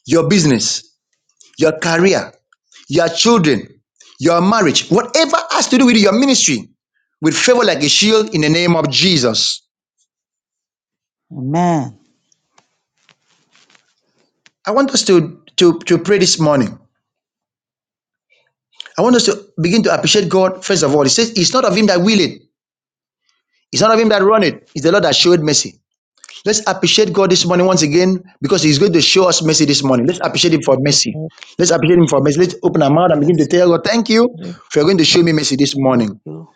Speaker 3: your business, your career, your children, your marriage, whatever has to do with your ministry, with favor like a shield in the name of Jesus.
Speaker 5: Amen.
Speaker 3: I want us to, to, to pray this morning. I want us to begin to appreciate God, first of all. He says, It's not of him that will it, it's not of him that run it, it's the Lord that showed mercy. Let's appreciate God this morning once again because He's going to show us mercy this morning. Let's appreciate Him for mercy.
Speaker 5: Lord,
Speaker 3: Let's appreciate Him for mercy. Let's open our mouth and begin to
Speaker 5: Bless
Speaker 3: tell God, Thank you
Speaker 5: you.
Speaker 3: for going to show me mercy this
Speaker 5: Thank
Speaker 3: morning.
Speaker 5: you.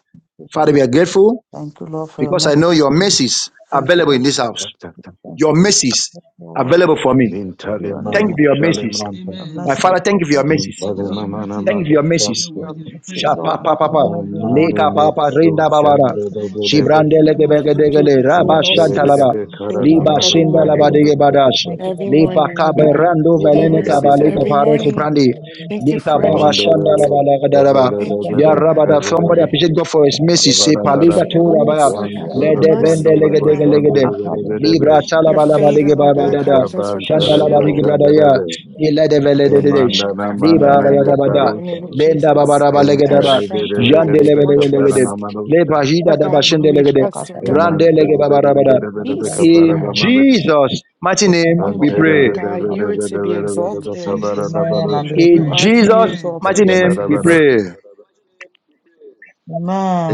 Speaker 3: Father, we are grateful
Speaker 5: Thank you, Lord, for your
Speaker 3: because I know your
Speaker 5: mercy.
Speaker 3: mercies are
Speaker 5: Thank you,
Speaker 3: available in
Speaker 5: Lord.
Speaker 3: this
Speaker 2: Tap,
Speaker 3: house.
Speaker 2: tap, tap, tap,
Speaker 5: Thank
Speaker 3: Your
Speaker 2: tap.
Speaker 5: you,
Speaker 3: mercies
Speaker 5: Lord,
Speaker 3: available for me.
Speaker 5: for your
Speaker 3: Thank you
Speaker 5: name,
Speaker 2: Intalemana,
Speaker 3: for your mercies.
Speaker 2: shalemana,
Speaker 5: your
Speaker 1: Amen.
Speaker 3: My
Speaker 5: mercy,
Speaker 3: Father, thank you
Speaker 5: Lord.
Speaker 3: for your mercies.
Speaker 1: Thank you for
Speaker 5: your,
Speaker 1: your
Speaker 2: intalemana,
Speaker 1: mercies,
Speaker 3: Thank you for
Speaker 2: mother,
Speaker 1: Lord
Speaker 3: your
Speaker 1: God.
Speaker 3: mercies.
Speaker 1: You're
Speaker 5: your
Speaker 1: worthy of the
Speaker 5: mercy,
Speaker 1: praise, Lord
Speaker 5: Lord.
Speaker 3: Shapa
Speaker 1: God.
Speaker 3: pa
Speaker 1: We
Speaker 3: pa
Speaker 1: give you glory
Speaker 2: Eman
Speaker 1: and
Speaker 5: Every
Speaker 1: honor, Lord
Speaker 5: morning,
Speaker 3: Leka pa
Speaker 1: Jesus.
Speaker 3: rinda babara.
Speaker 1: Thank you.
Speaker 3: Shibrande lege bege
Speaker 4: Thank you,
Speaker 3: dege
Speaker 4: Jesus, for your
Speaker 3: raba shanta
Speaker 4: mercies.
Speaker 3: laba.
Speaker 4: Bring
Speaker 3: Liba
Speaker 4: me every
Speaker 3: shinda laba
Speaker 4: morning.
Speaker 3: dege badash.
Speaker 5: Thank you,
Speaker 4: Every
Speaker 5: Lord, for the
Speaker 3: Lipa
Speaker 4: morning,
Speaker 5: mercy
Speaker 4: Lord
Speaker 3: kabe
Speaker 5: and
Speaker 4: God.
Speaker 5: love
Speaker 3: rando
Speaker 5: which can
Speaker 4: New
Speaker 3: velene
Speaker 5: put
Speaker 4: mercies
Speaker 5: over.
Speaker 3: kabale leka
Speaker 4: every
Speaker 5: Thank you,
Speaker 4: morning.
Speaker 5: Lord,
Speaker 3: suprandi.
Speaker 5: for the
Speaker 4: Thank you
Speaker 5: mercy
Speaker 3: Lika
Speaker 4: for
Speaker 5: and
Speaker 4: it,
Speaker 5: love
Speaker 3: baba
Speaker 5: which
Speaker 4: Jesus.
Speaker 5: can
Speaker 3: shanda laba
Speaker 5: cover.
Speaker 3: lega daraba.
Speaker 5: We
Speaker 4: Thank
Speaker 5: thank
Speaker 4: you,
Speaker 5: the
Speaker 3: Ya
Speaker 4: Lord
Speaker 5: Lord
Speaker 3: raba
Speaker 5: for
Speaker 4: God,
Speaker 3: da
Speaker 5: the
Speaker 4: for
Speaker 3: somebody
Speaker 5: love
Speaker 4: it.
Speaker 3: appreciate God for
Speaker 5: of the
Speaker 3: his
Speaker 5: Lord.
Speaker 3: mercy. se
Speaker 4: Thank you for
Speaker 3: paliga to
Speaker 4: your
Speaker 5: Thank you, Lord,
Speaker 3: raba.
Speaker 4: grace,
Speaker 5: for
Speaker 4: Lord
Speaker 5: the
Speaker 4: God,
Speaker 5: love of
Speaker 4: and your
Speaker 3: Lede
Speaker 5: the Lord.
Speaker 3: bende
Speaker 4: mercy,
Speaker 3: lege
Speaker 4: Lord
Speaker 3: dege
Speaker 4: God.
Speaker 3: lege de.
Speaker 5: Our Father, in the
Speaker 3: Libra
Speaker 5: name of
Speaker 1: Thank you
Speaker 5: the
Speaker 1: for
Speaker 4: Your
Speaker 1: your
Speaker 3: salaba
Speaker 5: Lord, we
Speaker 3: laba
Speaker 5: thank you,
Speaker 4: favor,
Speaker 3: dege
Speaker 1: mercies,
Speaker 5: for
Speaker 4: Lord
Speaker 1: Lord
Speaker 5: the
Speaker 3: baba
Speaker 4: God,
Speaker 5: love
Speaker 1: God.
Speaker 3: dada.
Speaker 4: covers us with a
Speaker 3: Shanda laba dege
Speaker 4: shield.
Speaker 3: brada ya.
Speaker 5: which can
Speaker 3: Ilede vele de de
Speaker 4: Thank you,
Speaker 3: desh.
Speaker 4: Lord God,
Speaker 5: cover.
Speaker 4: for
Speaker 5: we thank you,
Speaker 3: Libra
Speaker 4: being
Speaker 5: Lord,
Speaker 4: our
Speaker 3: baya
Speaker 4: buckler in
Speaker 3: bada.
Speaker 4: the name of
Speaker 5: for
Speaker 3: Menda
Speaker 5: the love which can cover.
Speaker 4: Jesus.
Speaker 3: babaraba
Speaker 4: Our
Speaker 3: legedeba.
Speaker 4: strength, Lord God, our
Speaker 3: Yandelebelebelegede.
Speaker 4: fortress,
Speaker 3: Lebajida
Speaker 4: Lord God, and who we
Speaker 3: dabashendelegede.
Speaker 4: trust,
Speaker 5: because
Speaker 4: Lord
Speaker 5: of the
Speaker 4: God, and
Speaker 3: Randelege babarabada.
Speaker 4: our
Speaker 5: love of God.
Speaker 4: peace, Lord
Speaker 3: In
Speaker 4: God.
Speaker 3: Jesus' mighty name
Speaker 5: love,
Speaker 2: Amen.
Speaker 3: we
Speaker 4: Thank
Speaker 5: look
Speaker 2: In
Speaker 4: you,
Speaker 5: at
Speaker 4: Lord
Speaker 5: love,
Speaker 3: pray.
Speaker 4: God. You are to be
Speaker 1: In
Speaker 4: exalted.
Speaker 1: Jesus' mighty
Speaker 5: Amen and
Speaker 1: name we
Speaker 4: You
Speaker 3: In
Speaker 1: pray.
Speaker 5: amen.
Speaker 4: are to be
Speaker 3: Jesus'
Speaker 1: Amen.
Speaker 3: mighty
Speaker 4: exalted,
Speaker 3: name we
Speaker 5: Amen.
Speaker 4: Jesus.
Speaker 3: pray.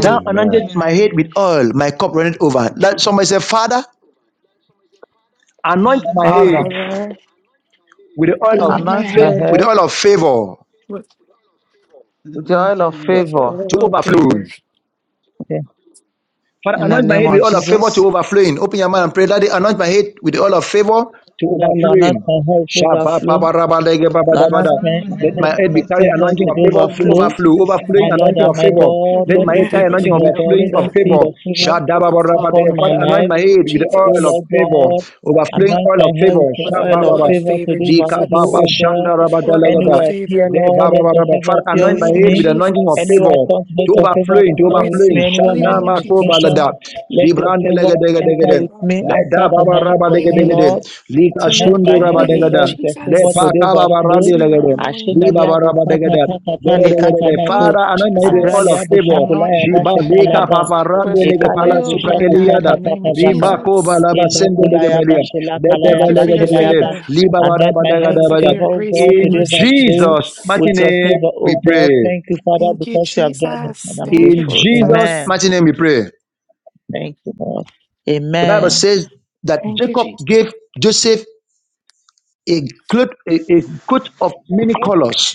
Speaker 3: Thou anointed
Speaker 1: Amen.
Speaker 3: my head with
Speaker 4: Amen.
Speaker 3: oil, my cup runneth over. Let somebody say, Father, anoint my
Speaker 1: Father,
Speaker 5: Father,
Speaker 3: head
Speaker 4: Father,
Speaker 3: with the oil of
Speaker 4: anoint my
Speaker 1: anoint
Speaker 5: anoint
Speaker 1: my
Speaker 5: my
Speaker 3: fa-
Speaker 4: head
Speaker 3: with
Speaker 1: head
Speaker 5: head
Speaker 3: the oil of favor
Speaker 4: with,
Speaker 1: with the
Speaker 5: with the
Speaker 1: oil of
Speaker 5: oil of
Speaker 1: favor.
Speaker 4: with
Speaker 5: favor.
Speaker 3: to
Speaker 4: oil, of favor.
Speaker 3: overflow.
Speaker 5: In
Speaker 3: Father,
Speaker 5: the
Speaker 3: anoint my
Speaker 5: name
Speaker 3: head with
Speaker 5: of
Speaker 3: oil of favor
Speaker 5: Jesus.
Speaker 3: to overflowing. Open your mouth and pray. Daddy, anoint my head with the oil of favor to
Speaker 5: Father, Lord, anoint
Speaker 3: overflowing.
Speaker 5: my head with
Speaker 3: Shabba,
Speaker 5: overflow.
Speaker 3: baba, rabba, lege, baba, da,
Speaker 5: Lana
Speaker 1: The
Speaker 3: bada.
Speaker 1: anointing
Speaker 5: said,
Speaker 1: of the
Speaker 5: My
Speaker 1: head
Speaker 3: Let my
Speaker 1: with
Speaker 5: head
Speaker 1: the
Speaker 5: is
Speaker 3: head be
Speaker 1: oil
Speaker 5: your
Speaker 1: of
Speaker 3: carried
Speaker 1: favor
Speaker 5: favor
Speaker 1: to
Speaker 3: anointing
Speaker 5: to
Speaker 3: of
Speaker 5: the
Speaker 3: favor to
Speaker 1: overflow.
Speaker 5: overflow.
Speaker 1: In
Speaker 3: overflow,
Speaker 1: Jesus' name we
Speaker 5: My
Speaker 3: overflowing
Speaker 5: Lord
Speaker 3: anointing
Speaker 1: pray.
Speaker 5: and
Speaker 3: of
Speaker 5: my
Speaker 3: favor.
Speaker 5: God,
Speaker 3: Let
Speaker 5: when
Speaker 4: Anoint
Speaker 3: my
Speaker 1: Amen.
Speaker 4: my
Speaker 3: head
Speaker 5: people
Speaker 3: carry
Speaker 4: head with
Speaker 5: see
Speaker 3: anointing of
Speaker 5: you,
Speaker 4: oil,
Speaker 5: God,
Speaker 4: Lord
Speaker 3: overflowing
Speaker 5: let
Speaker 3: of
Speaker 5: them
Speaker 4: God.
Speaker 5: see
Speaker 3: favor.
Speaker 5: your favor
Speaker 4: Overflow,
Speaker 3: Shadababarabadaya.
Speaker 5: upon
Speaker 4: Lord
Speaker 5: my
Speaker 3: Father,
Speaker 4: God, in
Speaker 3: anoint
Speaker 5: life.
Speaker 3: my
Speaker 4: the name
Speaker 3: head
Speaker 4: of
Speaker 3: with the
Speaker 5: O
Speaker 3: oil of
Speaker 4: Jesus.
Speaker 5: Lord
Speaker 3: favor,
Speaker 5: God,
Speaker 3: overflowing
Speaker 5: anoint
Speaker 3: oil
Speaker 5: my
Speaker 3: of
Speaker 5: head
Speaker 3: favor.
Speaker 5: with your
Speaker 4: with
Speaker 5: oil of
Speaker 4: oil of
Speaker 3: Shabababa.
Speaker 5: favor to
Speaker 4: favor,
Speaker 5: the
Speaker 3: Dika
Speaker 5: overflow,
Speaker 3: baba
Speaker 4: Jesus.
Speaker 5: O
Speaker 3: shanda
Speaker 5: God.
Speaker 4: With oil of
Speaker 5: Anywhere
Speaker 3: rabadalagada.
Speaker 5: I
Speaker 4: favor,
Speaker 5: appear,
Speaker 3: De
Speaker 4: Lord
Speaker 5: Lord,
Speaker 3: baba
Speaker 5: let
Speaker 4: God.
Speaker 5: your
Speaker 3: baba.
Speaker 5: favor
Speaker 3: Father,
Speaker 5: appear
Speaker 4: In
Speaker 3: anoint
Speaker 4: the
Speaker 3: my
Speaker 5: with
Speaker 4: name of
Speaker 3: head
Speaker 5: me.
Speaker 3: with anointing of
Speaker 4: Jesus.
Speaker 3: favor
Speaker 5: Anywhere I turn,
Speaker 3: to
Speaker 5: let your favor
Speaker 3: overflowing, to
Speaker 5: turn
Speaker 4: Glory to
Speaker 5: with
Speaker 3: overflowing.
Speaker 5: me.
Speaker 4: your
Speaker 5: Anywhere
Speaker 4: holy
Speaker 5: my
Speaker 3: Shana
Speaker 4: name,
Speaker 5: name is
Speaker 3: mako
Speaker 4: Jesus.
Speaker 3: balada.
Speaker 5: mentioned, let your favor enter
Speaker 3: Zibran
Speaker 5: with
Speaker 4: Holy,
Speaker 5: me,
Speaker 3: Le
Speaker 5: answer
Speaker 3: da
Speaker 4: holy,
Speaker 3: ba
Speaker 5: for,
Speaker 3: ba
Speaker 4: holy,
Speaker 3: ra
Speaker 5: my,
Speaker 3: de
Speaker 5: for
Speaker 4: holy
Speaker 3: ge
Speaker 5: me,
Speaker 4: name.
Speaker 5: Lord.
Speaker 3: Li ka
Speaker 4: To your
Speaker 5: Unless
Speaker 3: shundu
Speaker 5: my
Speaker 3: ra ba
Speaker 4: holy
Speaker 5: head
Speaker 3: de
Speaker 5: will
Speaker 4: name,
Speaker 5: go with your
Speaker 3: Le
Speaker 5: favor
Speaker 3: pa
Speaker 4: Jesus.
Speaker 5: to
Speaker 3: ka
Speaker 5: the
Speaker 3: ba ba ra de
Speaker 5: overflow.
Speaker 4: To your holy
Speaker 3: Li ba
Speaker 4: name.
Speaker 3: ba
Speaker 5: Ashendalia
Speaker 3: ra
Speaker 5: bo
Speaker 3: ba de ge
Speaker 5: saka
Speaker 3: de.
Speaker 5: taka
Speaker 3: De de
Speaker 5: tale
Speaker 3: de
Speaker 5: kata
Speaker 4: Thank
Speaker 3: Father,
Speaker 5: labo.
Speaker 3: anoint
Speaker 4: you,
Speaker 3: my head all of
Speaker 5: Abralia
Speaker 4: Jesus.
Speaker 5: bo
Speaker 3: favor.
Speaker 5: shaku
Speaker 4: Anoint
Speaker 5: laya ba
Speaker 4: my
Speaker 3: Shiba
Speaker 5: sheta
Speaker 3: leka
Speaker 4: head
Speaker 5: laba.
Speaker 3: papa rande
Speaker 4: with
Speaker 3: lege pala
Speaker 5: Ekalia bo
Speaker 4: oil,
Speaker 3: supra
Speaker 4: Lord
Speaker 5: shaku
Speaker 4: God, in
Speaker 3: eliada.
Speaker 5: taka
Speaker 4: the name
Speaker 5: taka
Speaker 4: of
Speaker 5: taka.
Speaker 3: Rimba ko ba
Speaker 4: Jesus.
Speaker 5: Ela
Speaker 3: sende lege
Speaker 5: kulaya ba
Speaker 3: belia.
Speaker 5: shela
Speaker 3: De de ba
Speaker 4: Thank
Speaker 5: kalaya
Speaker 4: you
Speaker 5: ba
Speaker 4: for
Speaker 3: lege
Speaker 4: your
Speaker 3: de
Speaker 5: shelaya
Speaker 3: de.
Speaker 5: ba.
Speaker 4: favor.
Speaker 3: Li ba ba ra
Speaker 5: Anoint
Speaker 3: ba
Speaker 5: my
Speaker 3: de ge
Speaker 5: head
Speaker 4: Thank
Speaker 5: with
Speaker 4: you for
Speaker 5: favor,
Speaker 4: your
Speaker 5: O
Speaker 4: grace
Speaker 5: God,
Speaker 4: and your
Speaker 3: In
Speaker 5: to the
Speaker 4: mercy,
Speaker 5: overflow
Speaker 3: Jesus'
Speaker 4: Jesus.
Speaker 3: mighty
Speaker 5: with your
Speaker 3: name
Speaker 5: favor,
Speaker 3: we
Speaker 5: O
Speaker 3: pray.
Speaker 5: God. Thank you, Father,
Speaker 4: Thank you,
Speaker 5: because you have done it, and
Speaker 4: Jesus.
Speaker 5: I'm
Speaker 4: Thank you,
Speaker 3: In
Speaker 5: grateful.
Speaker 3: Jesus'
Speaker 4: Jesus.
Speaker 5: Amen.
Speaker 3: mighty name we pray.
Speaker 5: Thank you, Lord.
Speaker 3: The Bible
Speaker 5: Amen.
Speaker 3: says that
Speaker 4: Thank you,
Speaker 3: Jacob
Speaker 4: Jesus.
Speaker 3: gave Joseph a good, a, a coat of many colors.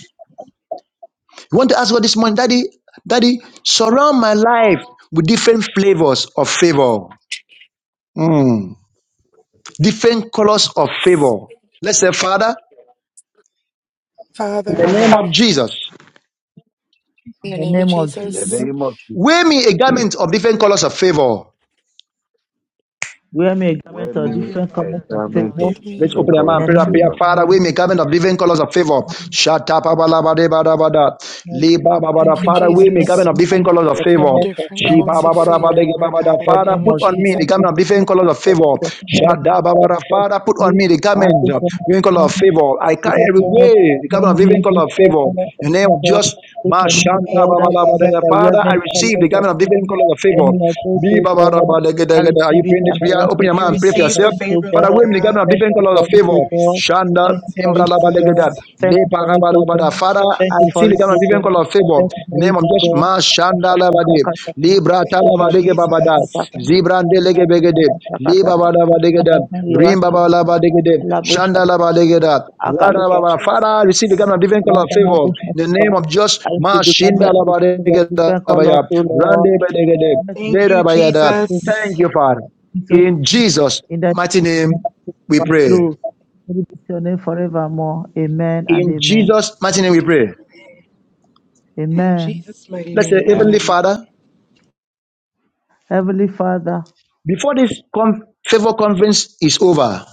Speaker 3: You want to ask God this morning, Daddy, Daddy, surround my life with different flavors of favor, Mm. different colors of favor. Let's say, Father, in the
Speaker 4: Father,
Speaker 3: name
Speaker 5: Father,
Speaker 3: of
Speaker 5: in
Speaker 3: Jesus,
Speaker 4: in the
Speaker 5: the
Speaker 4: name of
Speaker 5: name of
Speaker 2: the
Speaker 5: Jesus.
Speaker 4: Jesus,
Speaker 2: name of Jesus,
Speaker 3: wear me a garment of different colors of favor.
Speaker 5: Wear me a
Speaker 2: wear
Speaker 5: garment of
Speaker 1: Wear me
Speaker 2: me
Speaker 1: a
Speaker 5: different
Speaker 2: a
Speaker 1: garment
Speaker 5: colors
Speaker 1: of
Speaker 5: of
Speaker 1: different
Speaker 5: favor.
Speaker 2: garment of
Speaker 5: In
Speaker 1: colors
Speaker 4: give
Speaker 1: of
Speaker 3: Let's
Speaker 4: me,
Speaker 2: different
Speaker 3: open our
Speaker 1: favor.
Speaker 2: colors
Speaker 3: mouth and
Speaker 5: the
Speaker 3: pray
Speaker 2: of
Speaker 3: that
Speaker 5: name
Speaker 3: prayer.
Speaker 5: of
Speaker 2: favor.
Speaker 5: the
Speaker 3: Father,
Speaker 5: Lord
Speaker 3: we may
Speaker 1: Favor.
Speaker 3: garment of living colors of favor. Shut up, la ba de
Speaker 5: Jesus,
Speaker 4: thank you,
Speaker 5: wear me
Speaker 3: Father,
Speaker 5: a
Speaker 3: we may
Speaker 5: garment
Speaker 4: Jesus,
Speaker 3: garment of different colors of
Speaker 5: of different
Speaker 4: for
Speaker 3: favor.
Speaker 5: colors of
Speaker 4: different
Speaker 3: She ba
Speaker 4: coats of
Speaker 5: favor.
Speaker 4: favor, Lord God, in the
Speaker 5: the
Speaker 3: Father,
Speaker 4: name
Speaker 5: name
Speaker 4: of
Speaker 3: put
Speaker 5: of
Speaker 3: on me
Speaker 4: Jesus.
Speaker 3: the
Speaker 5: Jesus, O
Speaker 3: garment of
Speaker 5: God,
Speaker 3: different colors of
Speaker 5: that is
Speaker 3: favor.
Speaker 5: the figure that
Speaker 3: Shada
Speaker 5: makes
Speaker 3: ba ba
Speaker 5: that God
Speaker 3: Father, put on
Speaker 5: free.
Speaker 3: me the
Speaker 5: I
Speaker 3: garment
Speaker 5: ask you
Speaker 3: of
Speaker 5: for this
Speaker 3: different color of
Speaker 5: time
Speaker 3: favor.
Speaker 5: that
Speaker 3: I
Speaker 5: you
Speaker 3: carry
Speaker 5: will
Speaker 3: every
Speaker 5: help
Speaker 3: way the garment of
Speaker 5: not me
Speaker 3: different
Speaker 5: give
Speaker 3: color of favor.
Speaker 5: faithfulness of
Speaker 3: In the name of
Speaker 5: people.
Speaker 3: just
Speaker 5: Take a new
Speaker 4: Thank
Speaker 3: Mashanda ba
Speaker 5: God,
Speaker 4: you,
Speaker 5: I commit broader
Speaker 4: Jesus.
Speaker 5: government the
Speaker 3: Father, I
Speaker 5: reverend
Speaker 3: receive
Speaker 5: fellows
Speaker 3: the
Speaker 5: of
Speaker 3: garment of different
Speaker 5: thinking.
Speaker 3: colors of favor.
Speaker 5: Any of those,
Speaker 3: Li
Speaker 5: O
Speaker 3: ba
Speaker 5: God, I
Speaker 3: Are you
Speaker 5: receive it
Speaker 3: praying this
Speaker 5: and I
Speaker 3: prayer?
Speaker 5: want
Speaker 3: Open
Speaker 5: to
Speaker 3: your
Speaker 4: May I
Speaker 3: mouth and
Speaker 5: thank
Speaker 3: pray
Speaker 5: you
Speaker 3: for
Speaker 4: receive
Speaker 5: for
Speaker 4: the
Speaker 3: yourself.
Speaker 5: this, O
Speaker 4: favor,
Speaker 3: Father,
Speaker 4: Lord
Speaker 3: we
Speaker 5: God.
Speaker 3: begin
Speaker 4: God.
Speaker 3: to have
Speaker 5: Thank
Speaker 3: different
Speaker 5: you
Speaker 3: colors of
Speaker 5: for this,
Speaker 3: favor.
Speaker 5: O
Speaker 4: I
Speaker 5: God.
Speaker 4: receive the
Speaker 3: Shanda,
Speaker 5: Thank you
Speaker 4: anointing,
Speaker 5: for
Speaker 3: Embra,
Speaker 5: it, O
Speaker 3: Laba,
Speaker 5: God.
Speaker 3: Legeda,
Speaker 4: Jesus.
Speaker 3: Le,
Speaker 5: Thank you for it,
Speaker 3: Paraba,
Speaker 5: O
Speaker 3: Laba,
Speaker 5: God.
Speaker 4: Thank
Speaker 3: Father,
Speaker 4: you,
Speaker 5: Thank
Speaker 3: I
Speaker 5: you
Speaker 3: see
Speaker 5: for
Speaker 3: the
Speaker 5: it,
Speaker 3: kind of
Speaker 5: O
Speaker 4: Jesus.
Speaker 3: different
Speaker 5: God.
Speaker 3: colors of favor.
Speaker 5: Thank you
Speaker 3: In
Speaker 5: for
Speaker 3: the name
Speaker 5: it,
Speaker 3: of Jesus,
Speaker 5: O God.
Speaker 3: Ma, Shanda, Laba, De,
Speaker 5: I shall
Speaker 3: Libra,
Speaker 5: I see
Speaker 4: Thank you,
Speaker 3: Talaba, Lege, Baba, Da,
Speaker 4: Jesus.
Speaker 3: Zibra, De, Lege, Begede, Li, Baba, Laba, Legeda, Rim, Baba, Laba, Legede, Shanda, Laba, Legeda, Ra,
Speaker 4: Thank you,
Speaker 3: Baba. Father, we see the kind
Speaker 4: Jesus.
Speaker 3: of different colors of favor. In the name of Jesus, Ma,
Speaker 5: the camera
Speaker 3: Shinda,
Speaker 5: the
Speaker 3: Laba,
Speaker 5: of different
Speaker 3: Legeda,
Speaker 5: different
Speaker 3: Baba,
Speaker 5: colors,
Speaker 3: Ya,
Speaker 5: so
Speaker 3: Rande,
Speaker 5: Lord.
Speaker 3: Be, Legede,
Speaker 4: Thank
Speaker 3: Le,
Speaker 4: you,
Speaker 3: Thank
Speaker 4: Jesus.
Speaker 3: you, Father.
Speaker 5: So
Speaker 3: In Jesus'
Speaker 5: in that
Speaker 3: mighty name, we
Speaker 5: one
Speaker 3: pray.
Speaker 5: flow, glory be to your name forevermore. Amen and
Speaker 3: In
Speaker 5: amen.
Speaker 3: Jesus' mighty name, we pray.
Speaker 4: In
Speaker 5: Amen.
Speaker 4: Jesus' mighty
Speaker 3: Let's say,
Speaker 4: name,
Speaker 2: Amen.
Speaker 3: Heavenly
Speaker 4: amen.
Speaker 3: Father,
Speaker 5: Heavenly Father,
Speaker 3: before this con- favor conference is over,